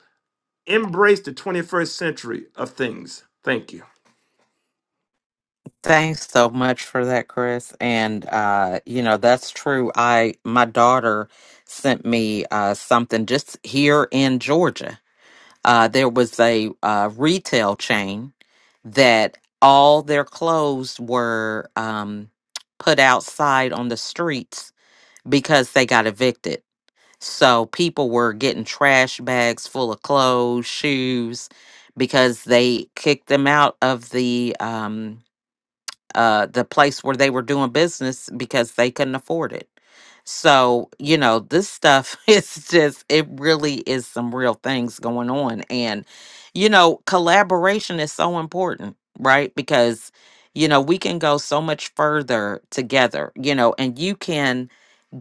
Speaker 10: embrace the 21st century of things. Thank you.
Speaker 6: Thanks so much for that, Chris. And uh, you know, that's true. I my daughter sent me uh something just here in Georgia. Uh there was a uh retail chain that all their clothes were um put outside on the streets because they got evicted. So people were getting trash bags full of clothes, shoes because they kicked them out of the um uh, the place where they were doing business because they couldn't afford it. So, you know, this stuff is just, it really is some real things going on. And, you know, collaboration is so important, right? Because, you know, we can go so much further together, you know, and you can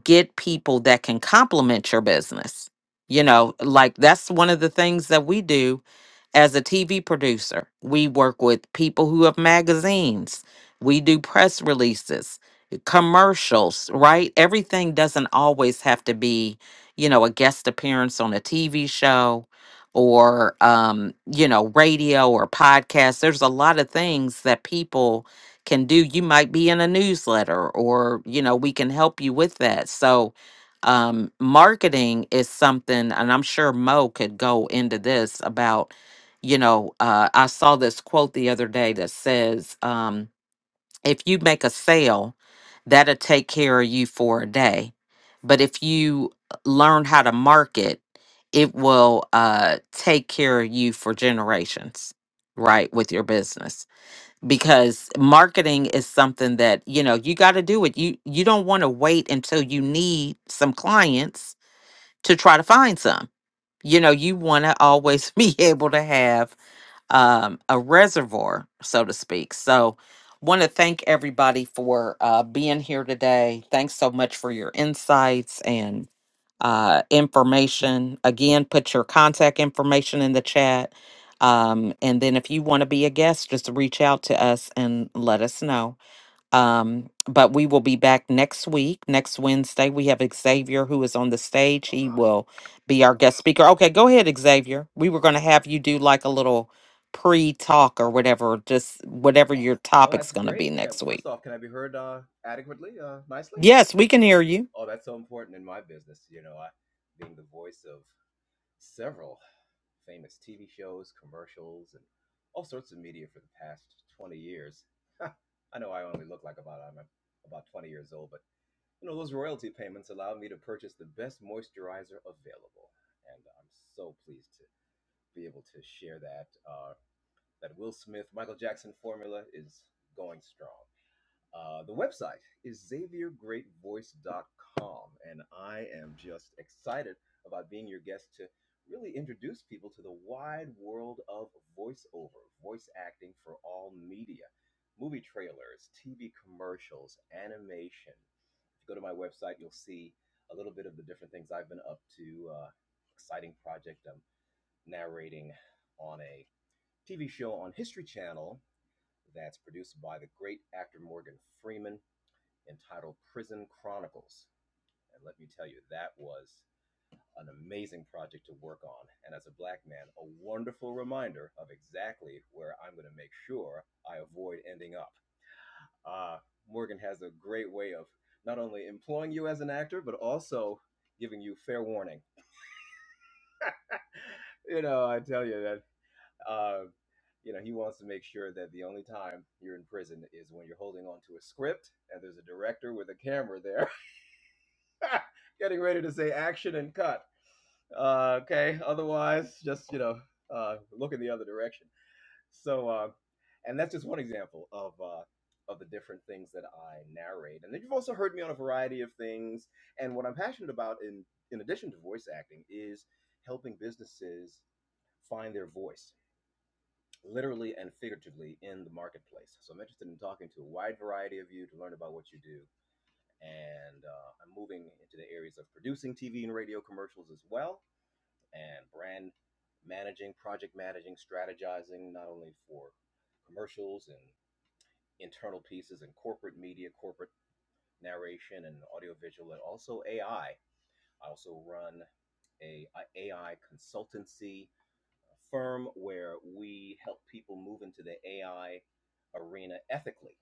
Speaker 6: get people that can complement your business. You know, like that's one of the things that we do as a TV producer. We work with people who have magazines, we do press releases, commercials, right? Everything doesn't always have to be, you know, a guest appearance on a TV show or um you know radio or podcast there's a lot of things that people can do you might be in a newsletter or you know we can help you with that so um marketing is something and i'm sure mo could go into this about you know uh, i saw this quote the other day that says um if you make a sale that'll take care of you for a day but if you uh, learn how to market it will uh take care of you for generations right with your business because marketing is something that you know you got to do it you you don't want to wait until you need some clients to try to find some you know you want to always be able to have um, a reservoir, so to speak. So, want to thank everybody for uh, being here today. Thanks so much for your insights and uh, information. Again, put your contact information in the chat. Um, and then, if you want to be a guest, just reach out to us and let us know. Um, but we will be back next week, next Wednesday. We have Xavier who is on the stage.
Speaker 11: Oh,
Speaker 6: He
Speaker 11: hi.
Speaker 6: will be our guest speaker. Okay, go ahead, Xavier. We were going to have you do like a little pre talk or
Speaker 11: Oh,
Speaker 6: whatever, just whatever your
Speaker 11: oh,
Speaker 6: topic's
Speaker 11: that's
Speaker 6: going to be
Speaker 11: great. Okay,
Speaker 6: next week.
Speaker 11: first off, can I be heard uh, adequately, uh, nicely?
Speaker 6: Yes, we can hear you.
Speaker 11: Oh, that's so important in my business. You know, I being the voice of several famous TV shows, commercials, and all sorts of media for the past 20 years. I know I only look like about I'm about 20 years old, but you know those royalty payments allow me to purchase the best moisturizer available, and I'm so pleased to be able to share that uh, that Will Smith Michael Jackson formula is going strong. Uh, the website is Xavier Great Voice dot com, and I am just excited about being your guest to really introduce people to the wide world of voiceover, voice acting for all media, movie trailers, TV commercials, animation. If you go to my website, you'll see a little bit of the different things I've been up to. Uh, exciting project I'm narrating on a TV show on History Channel that's produced by the great actor Morgan Freeman entitled Prison Chronicles. And let me tell you, that was an amazing project to work on. And as a black man, a wonderful reminder of exactly where I'm going to make sure I avoid ending up. Uh, Morgan has a great way of not only employing you as an actor, but also giving you fair warning. You know, I tell you that, uh, you know, he wants to make sure that the only time you're in prison is when you're holding on to a script and there's a director with a camera there getting ready to say action and cut Uh, okay. Otherwise, just you know, uh, look in the other direction. So, uh, and that's just one example of uh, of the different things that I narrate. And then you've also heard me on a variety of things. And what I'm passionate about, in in addition to voice acting, is helping businesses find their voice, literally and figuratively, in the marketplace. So I'm interested in talking to a wide variety of you to learn about what you do. And uh, I'm moving into the areas of producing TV and radio commercials as well and brand managing, project managing, strategizing, not only for commercials and internal pieces and corporate media, corporate narration and audiovisual, and also AI. I I also run a, a AI consultancy firm where we help people move into the AI arena ethically,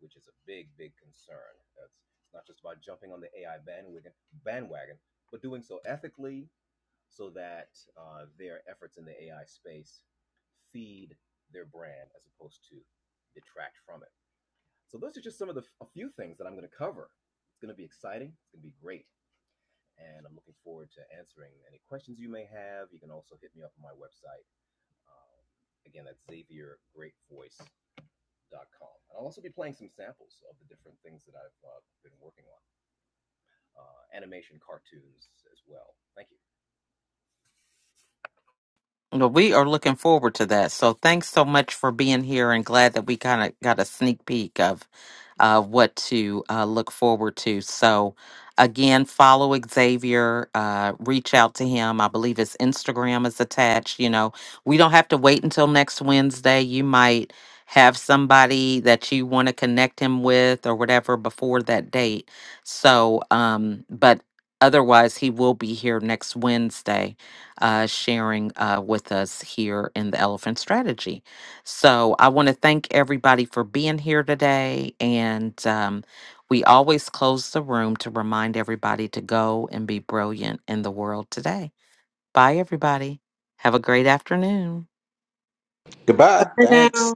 Speaker 11: which is a big, big concern. That's it's not just about jumping on the AI bandwagon, bandwagon, but doing so ethically so that uh, their efforts in the AI space feed their brand as opposed to detract from it. So those are just some of the a few things that I'm going to cover. It's going to be exciting. It's going to be great, and I'm looking forward to answering any questions you may have. You can also hit me up on my website. Um, again, that's XavierGreatVoice.com. And I'll also be playing some samples of the different things that I've uh, been working on, uh, animation, cartoons as well. Thank you.
Speaker 6: Well, we are looking forward to that. So thanks so much for being here and glad that we kind of got a sneak peek of uh, what to uh, look forward to. So again, follow Xavier, uh, reach out to him. I believe his Instagram is attached. You know, we don't have to wait until next Wednesday. You might have somebody that you want to connect him with or whatever before that date. So, um, but otherwise, he will be here next Wednesday uh, sharing uh, with us here in the Elephant Strategy. So I want to thank everybody for being here today. And um, we always close the room to remind everybody to go and be brilliant in the world today. Bye, everybody. Have a great afternoon.
Speaker 8: Goodbye.
Speaker 1: For
Speaker 8: Thanks.
Speaker 1: now.